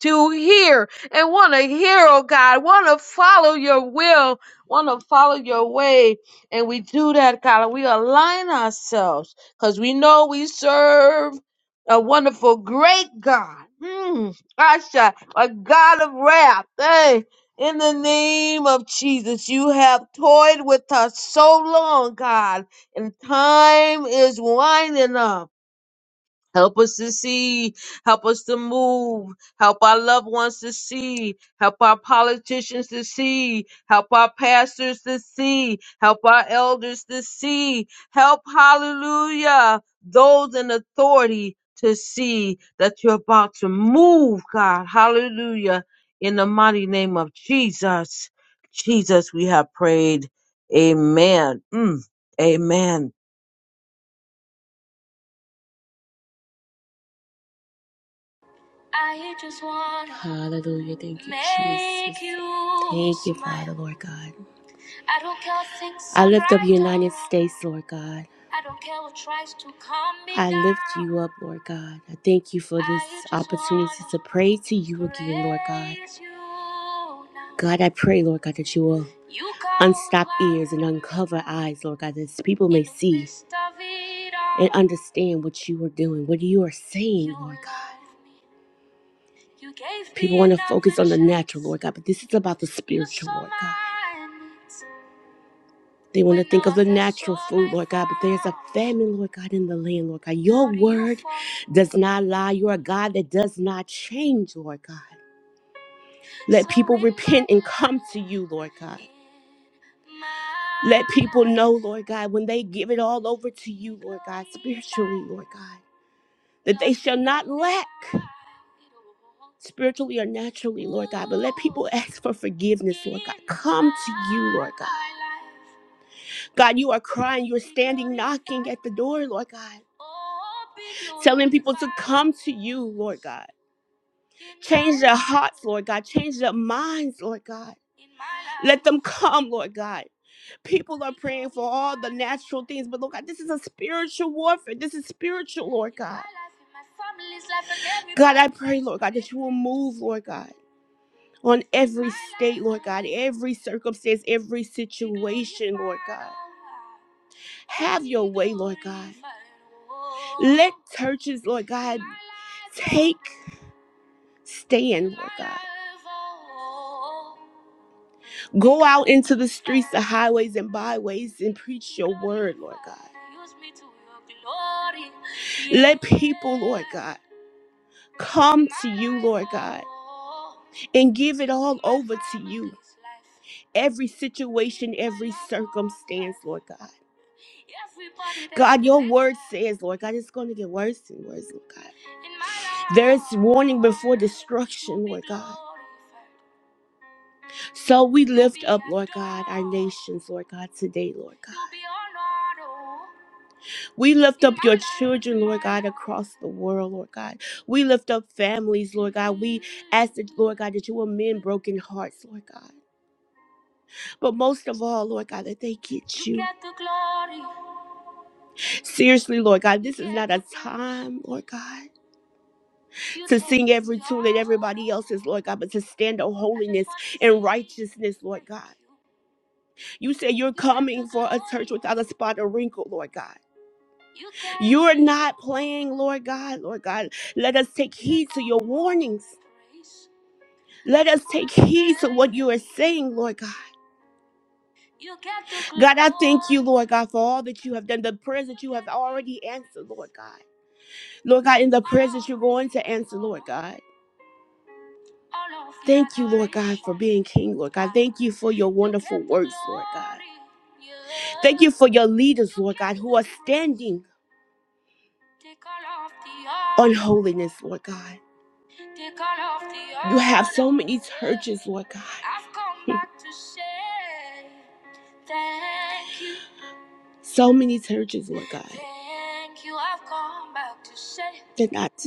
D: to hear and want to hear, oh God, want to follow your will, want to follow your way. And we do that, God, and we align ourselves because we know we serve a wonderful, great God. Mm. Kasha, a God of wrath. Hey, in the name of Jesus, you have toyed with us so long, God, and time is winding up. Help us to see. Help us to move. Help our loved ones to see. Help our politicians to see. Help our pastors to see. Help our elders to see. Help, hallelujah, those in authority to see that you're about to move, God. Hallelujah. In the mighty name of Jesus. Jesus, we have prayed. Amen. Mm, amen.
E: I just want Hallelujah. Thank you, Jesus. you Thank you, smile. Father, Lord God. I don't care things I lift up the United States, Lord God. I don't care what tries to come me I lift down. you up, Lord God. I thank you for this opportunity to pray to you again, Lord God. God, I pray, Lord God, that you will You unstop ears and uncover eyes, Lord God, that people may see and understand what you are doing, what you are saying, Lord God. People want to focus on the natural, Lord God, but this is about the spiritual, Lord God. They want to think of the natural food, Lord God, but there's a famine, Lord God, in the land, Lord God. Your word does not lie. You're a God that does not change, Lord God. Let people repent and come to you, Lord God. Let people know, Lord God, when they give it all over to you, Lord God, spiritually, Lord God, that they shall not lack. spiritually or naturally, Lord God. But let people ask for forgiveness, Lord God. Come to you, Lord God. God, you are crying. You're standing knocking at the door, Lord God. Telling people to come to you, Lord God. Change their hearts, Lord God. Change their minds, Lord God. Let them come, Lord God. People are praying for all the natural things, but Lord God, this is a spiritual warfare. This is spiritual, Lord God. God, I pray, Lord God, that you will move, Lord God on every state, Lord God, every circumstance, every situation, Lord God. Have your way, Lord God. Let churches, Lord God, take stand, Lord God. Go out into the streets, the highways, and byways and preach your word, Lord God. Let people, Lord God, come to you, Lord God, and give it all over to you. Every situation, every circumstance, Lord God. God, your word says, Lord God, it's going to get worse and worse, Lord God. There's warning before destruction, Lord God. So we lift up, Lord God, our nations, Lord God, today, Lord God. We lift up your children, Lord God, across the world, Lord God. We lift up families, Lord God. We ask that, Lord God, that you will mend broken hearts, Lord God. But most of all, Lord God, that they get you. Seriously, Lord God, this is not a time, Lord God, to sing every tune that everybody else is, Lord God, but to stand on holiness and righteousness, Lord God. You say you're coming for a church without a spot or wrinkle, Lord God. You're not playing, Lord God. Lord God, let us take heed to your warnings. Let us take heed to what you are saying, Lord God. God, I thank you, Lord God, for all that you have done, the prayers that you have already answered, Lord God. Lord God, in the prayers that you're going to answer, Lord God. Thank you, Lord God, for adoration. being King, Lord God. Thank you for your You wonderful words, Lord God. Thank you for your leaders, Lord God, get who are standing on holiness, Lord God. You have so many churches, Lord God. So many churches, Lord God, they're not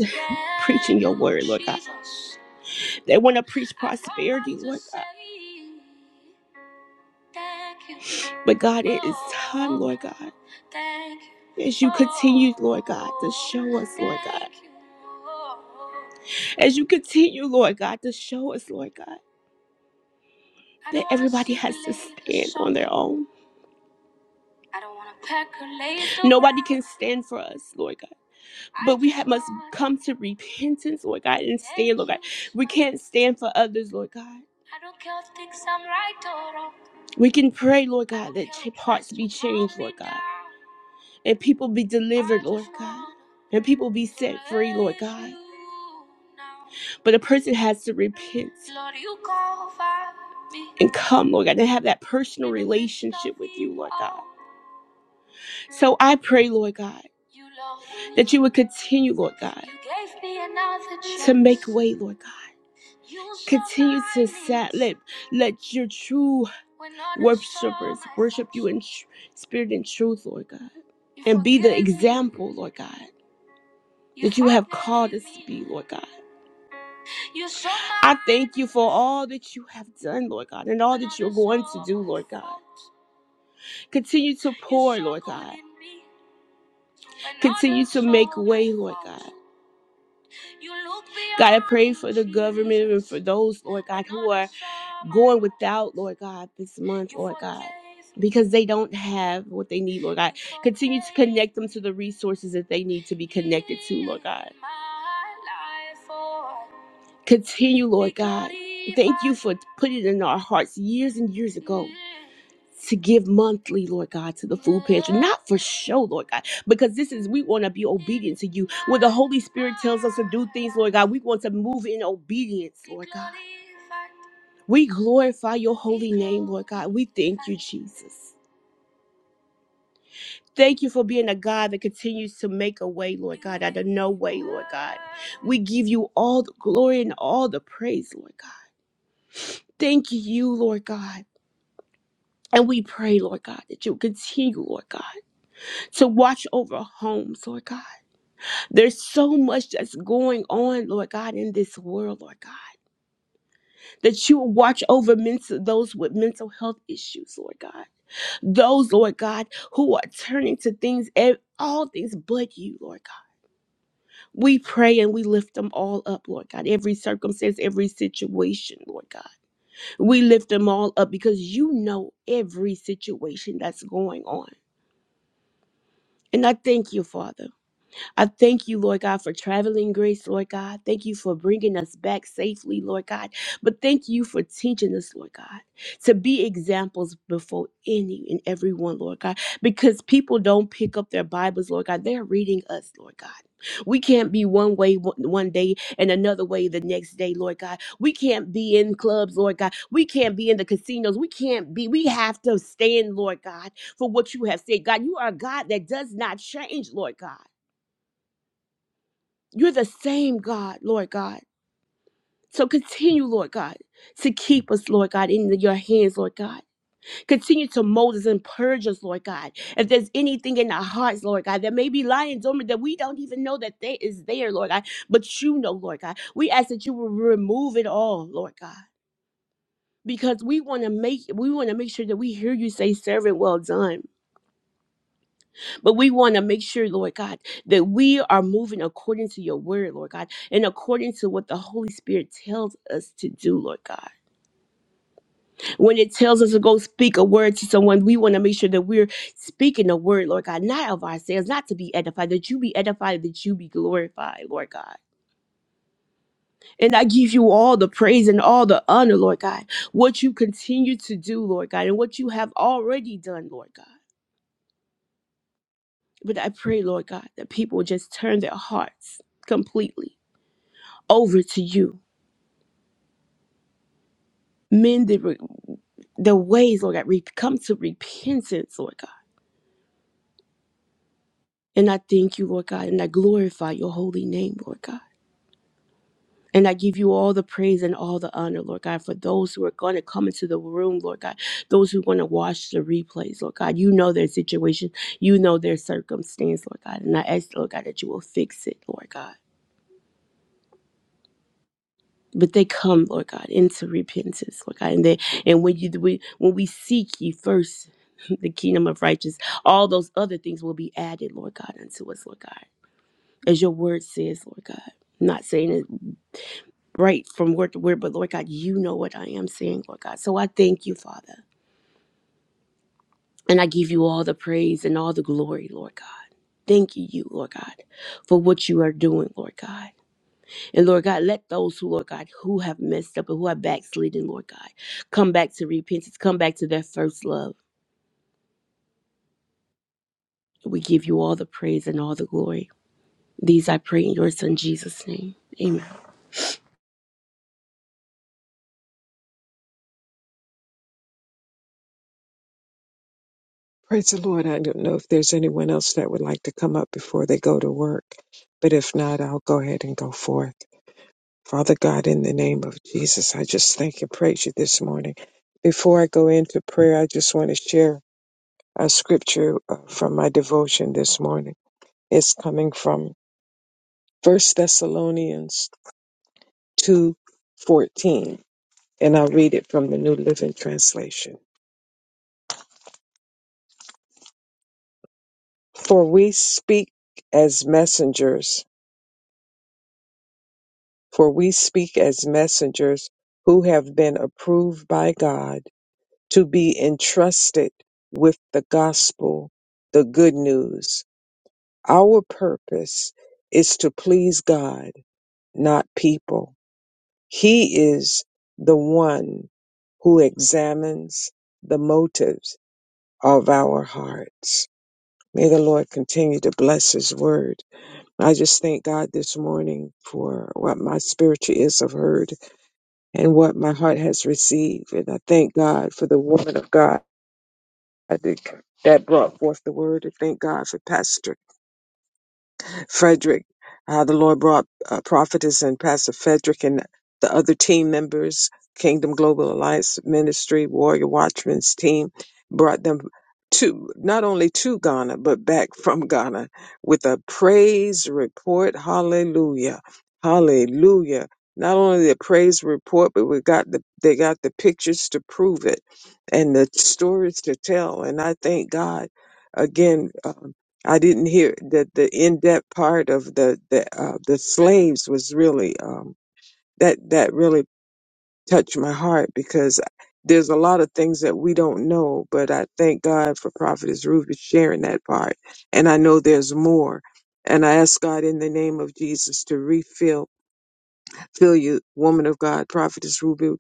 E: preaching your word, Lord God. They want to preach prosperity, Lord God. But God, it is time, Lord God, as you continue, Lord God, to show us, Lord God. As you continue, Lord God, to show us, Lord God, that everybody has to stand on their own. Nobody can stand for us, Lord God. But we must come to repentance, Lord God, and stand, Lord God. We can't stand for others, Lord God. We can pray, Lord God, that ch- hearts be changed, Lord God, and people be delivered, Lord God, and people be set free, Lord God. But a person has to repent and come, Lord God, and have that personal relationship with you, Lord God. So I pray, Lord God, that you would continue, Lord God, to make way, Lord God. Continue to set, let, let your true worshipers worship you in tr- spirit and truth, Lord God, and be the example, Lord God, that you have called us to be, Lord God. I thank you for all that you have done, Lord God, and all that you're going to do, Lord God. Continue to pour, Lord God. Continue to make way, Lord God. God, I pray for the government and for those, Lord God, who are going without, Lord God, this month, Lord God, because they don't have what they need, Lord God. Continue to connect them to the resources that they need to be connected to, Lord God. Continue, Lord God. Thank you for putting it in our hearts years and years ago to give monthly, Lord God, to the food pantry. Not for show, Lord God, because this is, we want to be obedient to you. When the Holy Spirit tells us to do things, Lord God, we want to move in obedience, Lord God. We glorify your holy name, Lord God. We thank you, Jesus. Thank you for being a God that continues to make a way, Lord God, out of no way, Lord God. We give you all the glory and all the praise, Lord God. Thank you, Lord God. And we pray, Lord God, that you continue, Lord God, to watch over homes, Lord God. There's so much that's going on, Lord God, in this world, Lord God, that you will watch over mental, those with mental health issues, Lord God. Those, Lord God, who are turning to things, ev- all things but you, Lord God. We pray and we lift them all up, Lord God. Every circumstance, every situation, Lord God. We lift them all up because you know every situation that's going on. And I thank you, Father. I thank you, Lord God, for traveling grace, Lord God. Thank you for bringing us back safely, Lord God. But thank you for teaching us, Lord God, to be examples before any and everyone, Lord God, because people don't pick up their Bibles, Lord God. They're reading us, Lord God. We can't be one way one one day and another way the next day, Lord God. We can't be in clubs, Lord God. We can't be in the casinos. We can't be. We have to stand, Lord God, for what you have said. God, you are a God that does not change, Lord God. You're the same God, Lord God. So continue, Lord God, to keep us, Lord God, in your hands, Lord God. Continue to mold us and purge us, Lord God. If there's anything in our hearts, Lord God, that may be lying dormant that we don't even know that they is there, Lord God, but you know, Lord God. We ask that you will remove it all, Lord God. Because we want to make we want to make sure that we hear you say, servant, well done. But we want to make sure, Lord God, that we are moving according to your word, Lord God, and according to what the Holy Spirit tells us to do, Lord God. When it tells us to go speak a word to someone, we want to make sure that we're speaking a word, Lord God, not of ourselves, not to be edified, that you be edified, that you be glorified, Lord God. And I give you all the praise and all the honor, Lord God, what you continue to do, Lord God, and what you have already done, Lord God. But I pray, Lord God, that people just turn their hearts completely over to you. Mend the, the ways, Lord God. Re- come to repentance, Lord God. And I thank you, Lord God, and I glorify your holy name, Lord God. And I give you all the praise and all the honor, Lord God, for those who are going to come into the room, Lord God, those who are going to watch the replays, Lord God. You know their situation, you know their circumstance, Lord God. And I ask, Lord God, that you will fix it, Lord God. but they come, Lord God, into repentance, Lord God, and they and when you we, when we seek ye first the kingdom of righteousness, all those other things will be added, Lord God, unto us, Lord God, as your word says, Lord God. I'm Not saying it right from word to word, but Lord God, you know what I am saying, Lord God. So I thank you, Father, and I give you all the praise and all the glory, Lord God. Thank you, you, Lord God, for what you are doing, Lord God. And Lord God, let those who, Lord God, who have messed up and who are backslidden, Lord God, come back to repentance, come back to their first love. We give you all the praise and all the glory. These I pray in your son Jesus' name. Amen.
C: Praise the Lord. I don't know if there's anyone else that would like to come up before they go to work, but if not, I'll go ahead and go forth. Father God, in the name of Jesus, I just thank and praise you this morning. Before I go into prayer, I just want to share a scripture uh, from my devotion this morning. It's coming from First Thessalonians two fourteen and I'll read it from the New Living Translation. For we speak as messengers, for we speak as messengers who have been approved by God to be entrusted with the gospel, the good news. Our purpose is to please God, not people. He is the one who examines the motives of our hearts. May the Lord continue to bless His word. I just thank God this morning for what my spiritual ears have heard and what my heart has received. And I thank God for the woman of God that that brought forth the word. And thank God for Pastor Frederick, how the Lord brought uh, prophetess and Pastor Frederick and the other team members, Kingdom Global Alliance Ministry, Warrior Watchmen's team, brought them to not only to Ghana, but back from Ghana with a praise report. Hallelujah. Hallelujah. Not only the praise report, but we got the they got the pictures to prove it and the stories to tell. And I thank God again uh, I didn't hear that the in-depth part of the the uh, the slaves was really um, that that really touched my heart because there's a lot of things that we don't know, but I thank God for Prophetess Ruby sharing that part, and I know there's more, and I ask God in the name of Jesus to refill. Fill you, woman of God, prophetess Ruby,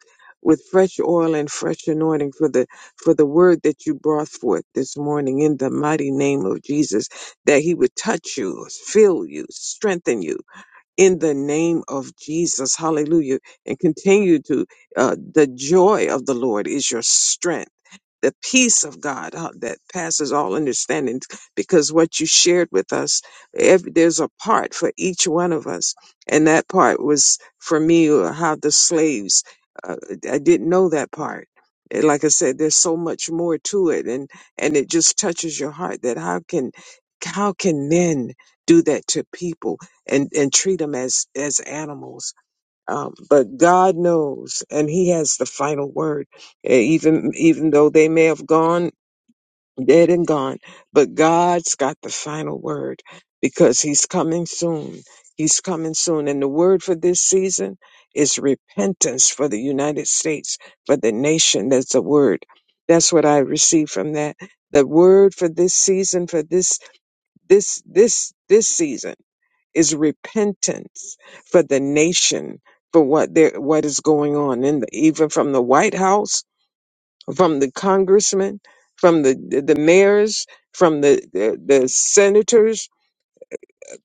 C: with fresh oil and fresh anointing for the for the word that you brought forth this morning in the mighty name of Jesus, that he would touch you, fill you, strengthen you in the name of Jesus. Hallelujah. And continue to, uh, the joy of the Lord is your strength. The peace of God uh, that passes all understanding, because what you shared with us, every, there's a part for each one of us. And that part was for me uh, how the slaves, uh, I didn't know that part. And Like I said, there's so much more to it, and and it just touches your heart that how can how can men do that to people? and and treat them as as animals. Um, but God knows, and He has the final word. E- Even even though they may have gone dead and gone, but God's got the final word because He's coming soon. He's coming soon, and the word for this season is repentance for the United States, for the nation. That's the word. That's what I received from that. The word for this season, for this this this this season is repentance for the nation for what there what is going on in the even from the White House, from the congressmen, from the the mayors, from the the, the senators,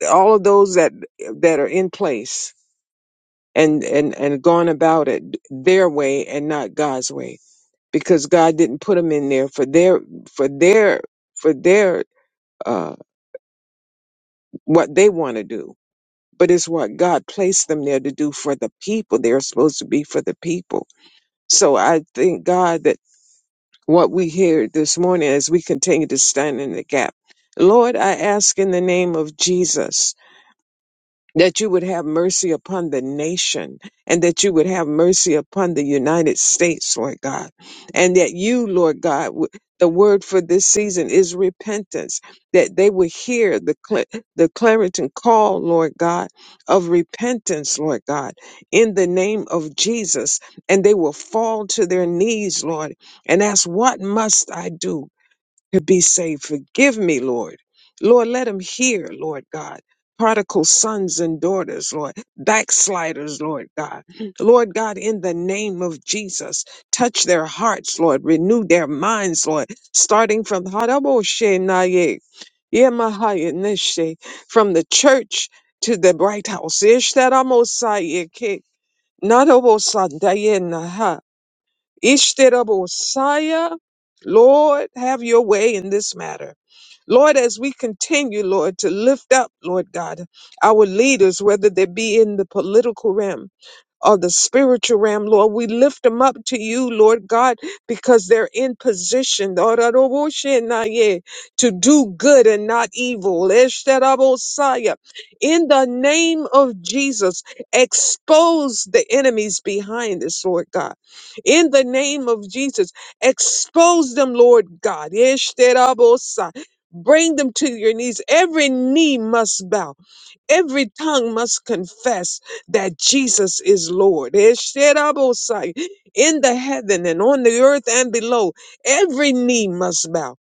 C: all of those that that are in place and and and gone about it their way and not God's way because God didn't put them in there for their for their for their uh what they want to do but it's what God placed them there to do for the people. They're supposed to be for the people. So I thank God that what we hear this morning as we continue to stand in the gap. Lord, I ask in the name of Jesus that you would have mercy upon the nation and that you would have mercy upon the United States, Lord God. And that you, Lord God, w- the word for this season is repentance, that they would hear the, cl- the Clariton call, Lord God, of repentance, Lord God, in the name of Jesus. And they will fall to their knees, Lord, and ask, What must I do? to be saved. Forgive me, Lord. Lord, let them hear, Lord God. Prodigal sons and daughters, Lord. Backsliders, Lord God. Lord God, in the name of Jesus, touch their hearts, Lord. Renew their minds, Lord. Starting from Haraboshe Naye, Yemahaya Neshe, from the church to the bright house. Ishtaramosayeke, Nadobosandaye Naha. Ishtirabosaya. Lord, have your way in this matter. Lord, as we continue, Lord, to lift up, Lord God, our leaders, whether they be in the political realm, of the spiritual realm, Lord. We lift them up to you, Lord God, because they're in position Lord, yeah, to do good and not evil. Eshterabosaya. In the name of Jesus, expose the enemies behind this, Lord God. In the name of Jesus, expose them, Lord God. Eshterabosai. Bring them to your knees. Every knee must bow Every tongue must confess that Jesus is Lord. Esherabosai. In the heaven and on the earth and below, every knee must bow.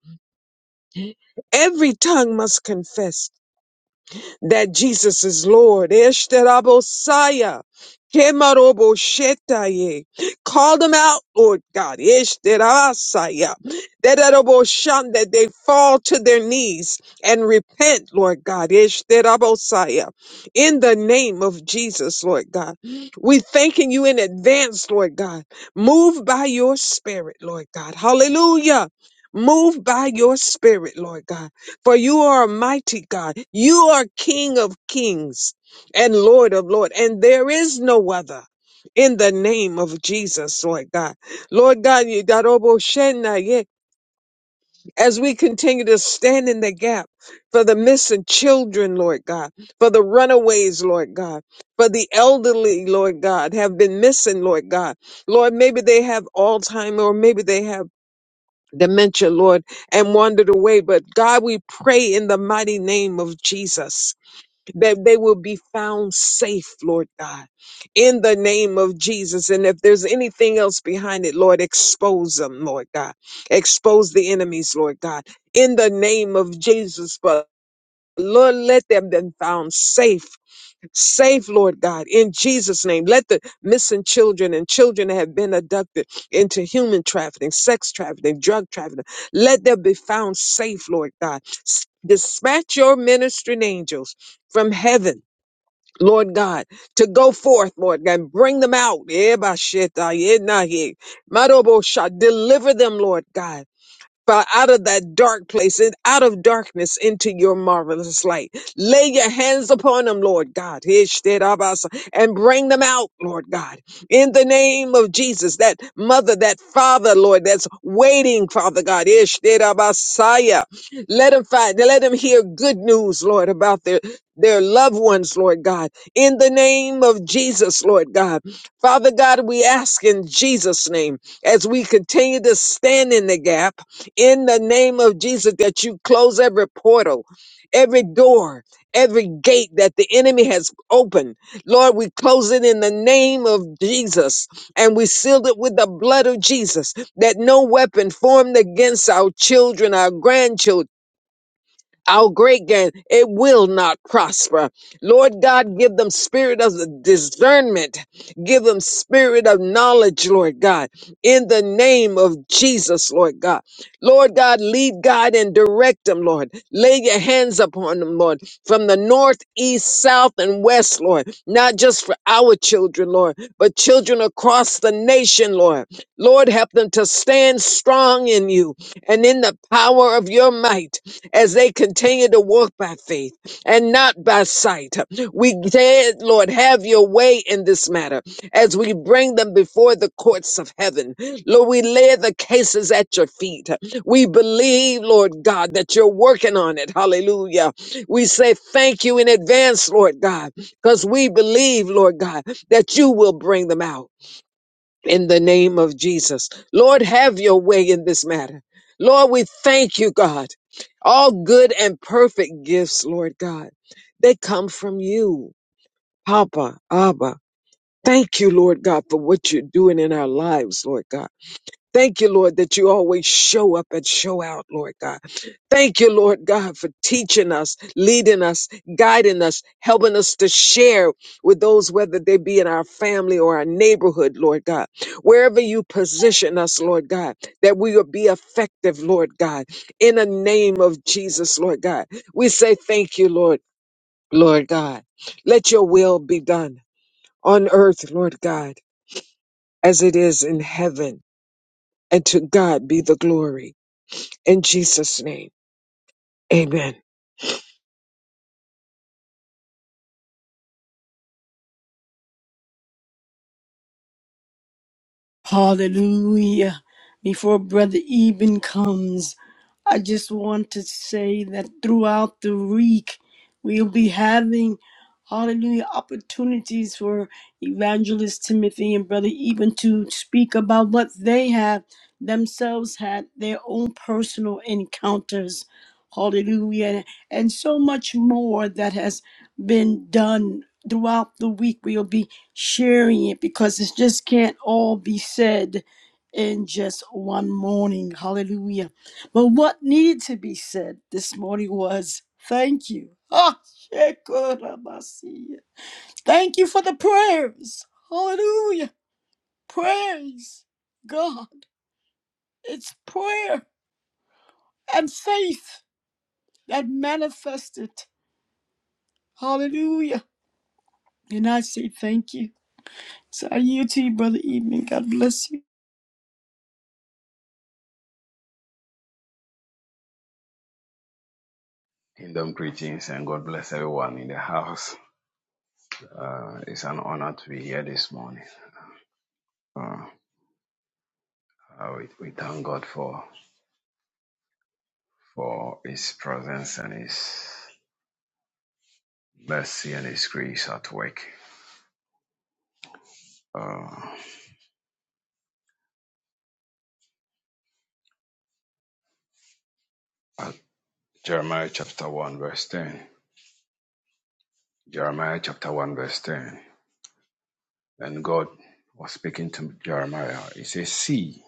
C: Every tongue must confess that Jesus is Lord. Eshterabosaya. Kemaroboshetaye. Call them out, Lord God. Eshterasaya. Dedaraboshan, That they fall to their knees and repent, Lord God. Eshterabosaya. In the name of Jesus, Lord God. We thanking you in advance, Lord God. Move by your spirit, Lord God. Hallelujah. Move by your spirit, Lord God. For you are a mighty God. You are King of kings and Lord of lords, and there is no other. In the name of Jesus, Lord God. Lord God, you got Obo Shenna, yeah, as we continue to stand in the gap for the missing children, Lord God, for the runaways, Lord God, for the elderly, Lord God, have been missing, Lord God. Lord, maybe they have Alzheimer, or maybe they have dementia, Lord, and wandered away. But God, we pray in the mighty name of Jesus that they will be found safe, Lord God, in the name of Jesus. And if there's anything else behind it, Lord, expose them, Lord God. Expose the enemies, Lord God, in the name of Jesus. But Lord, let them be found safe Save, Lord God, in Jesus' name. Let the missing children and children that have been abducted into human trafficking, sex trafficking, drug trafficking, let them be found safe, Lord God. S- Dispatch your ministering angels from heaven. Lord God, to go forth, Lord God, and bring them out. Ebashetayenahe. Marobosha. Deliver them, Lord God. Father, out of that dark place and out of darkness into your marvelous light. Lay your hands upon them, Lord God, Ishtirabasa, and bring them out, Lord God, in the name of Jesus. That mother, that father, Lord, that's waiting, Father God, Ishtirabasaya. let them find, let them hear good news, Lord, about their their loved ones, Lord God, in the name of Jesus, Lord God. Father God, we ask in Jesus' name as we continue to stand in the gap in the name of Jesus that you close every portal, every door, every gate that the enemy has opened. Lord, we close it in the name of Jesus and we seal it with the blood of Jesus that no weapon formed against our children, our grandchildren, our great gain, it will not prosper. Lord God, give them spirit of discernment. Give them spirit of knowledge, Lord God, in the name of Jesus, Lord God. Lord God, lead, guide, and direct them, Lord. Lay your hands upon them, Lord, from the north, east, south, and west, Lord. Not just for our children, Lord, but children across the nation, Lord. Lord, help them to stand strong in you and in the power of your might as they continue to walk by faith and not by sight. We said, Lord, have your way in this matter as we bring them before the courts of heaven. Lord, we lay the cases at your feet. We believe, Lord God, that you're working on it. Hallelujah. We say thank you in advance, Lord God, because we believe, Lord God, that you will bring them out in the name of Jesus. Lord, have your way in this matter. Lord, we thank you, God. All good and perfect gifts, Lord God, they come from you, Papa, Abba. Thank you, Lord God, for what you're doing in our lives, Lord God. Thank you, Lord, that you always show up and show out, Lord God. Thank you, Lord God, for teaching us, leading us, guiding us, helping us to share with those, whether they be in our family or our neighborhood, Lord God. Wherever you position us, Lord God, that we will be effective, Lord God. In the name of Jesus, Lord God, we say thank you, Lord, Lord God. Let your will be done on earth, Lord God, as it is in heaven. And to God be the glory. In Jesus' name, amen.
A: Hallelujah. Before Brother Eben comes, I just want to say that throughout the week, we'll be having, hallelujah, opportunities for Evangelist Timothy and Brother Eben to speak about what they have themselves had, their own personal encounters. Hallelujah. And so much more that has been done throughout the week. We'll be sharing it because it just can't all be said in just one morning. Hallelujah. But what needed to be said this morning was thank you. Ah, Shekinah-Messiah. Thank you for the prayers. Hallelujah. Praise God. It's prayer and faith that manifested. Hallelujah. And I say thank you. So I yield to you, Brother Evening. God bless you.
F: Kingdom greetings and God bless everyone in the house. Uh, it's an honor to be here this morning. Uh, uh, we, we thank God for for His presence and His mercy and His grace at work. Uh, at Jeremiah chapter one verse ten. Jeremiah chapter one verse ten. And God was speaking to Jeremiah. He says, "See,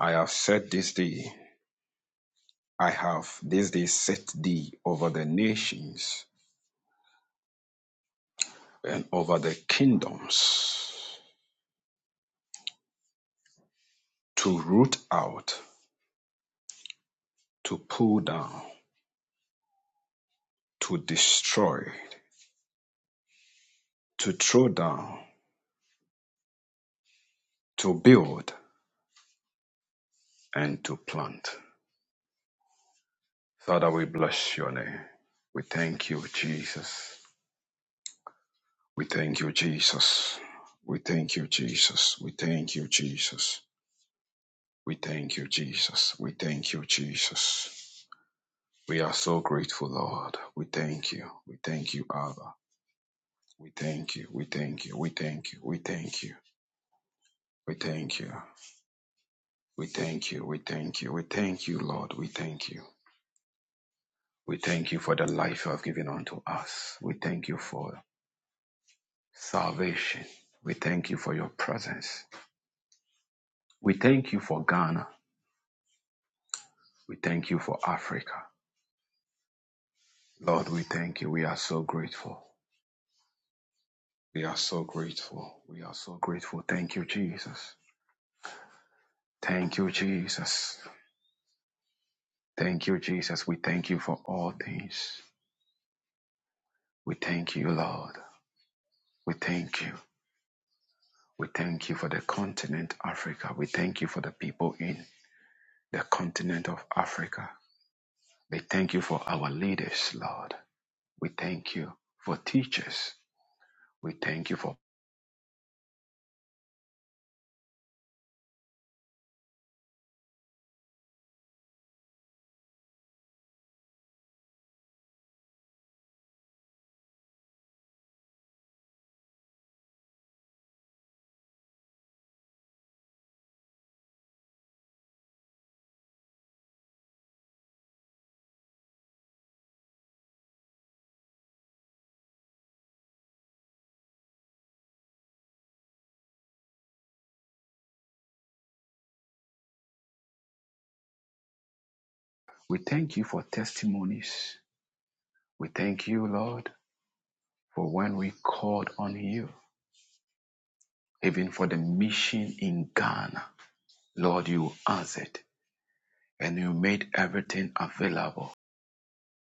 F: I have set this day. I have this day set thee over the nations and over the kingdoms." To root out, to pull down, to destroy, to throw down, to build, and to plant. Father, we bless your name. We thank you, Jesus. We thank you, Jesus. We thank you, Jesus. We thank you, Jesus. We thank you, Jesus. We thank you, Jesus. We are so grateful, Lord. We thank you. We thank you, Abba. We thank you. We thank you. We thank you. We thank you. We thank you. We thank you. We thank you. We thank you, Lord. We thank you. We thank you for the life you have given unto us. We thank you for salvation. We thank you for your presence. We thank you for Ghana. We thank you for Africa. Lord, we thank you. We are so grateful. We are so grateful. We are so grateful. Thank you, Jesus. Thank you, Jesus. Thank you, Jesus. We thank you for all things. We thank you, Lord. We thank you. We thank you for the continent Africa. We thank you for the people in the continent of Africa. We thank you for our leaders, Lord. We thank you for teachers. We thank you for we thank you for testimonies. We thank you, Lord, for when we called on you, even for the mission in Ghana. Lord, you answered and you made everything available.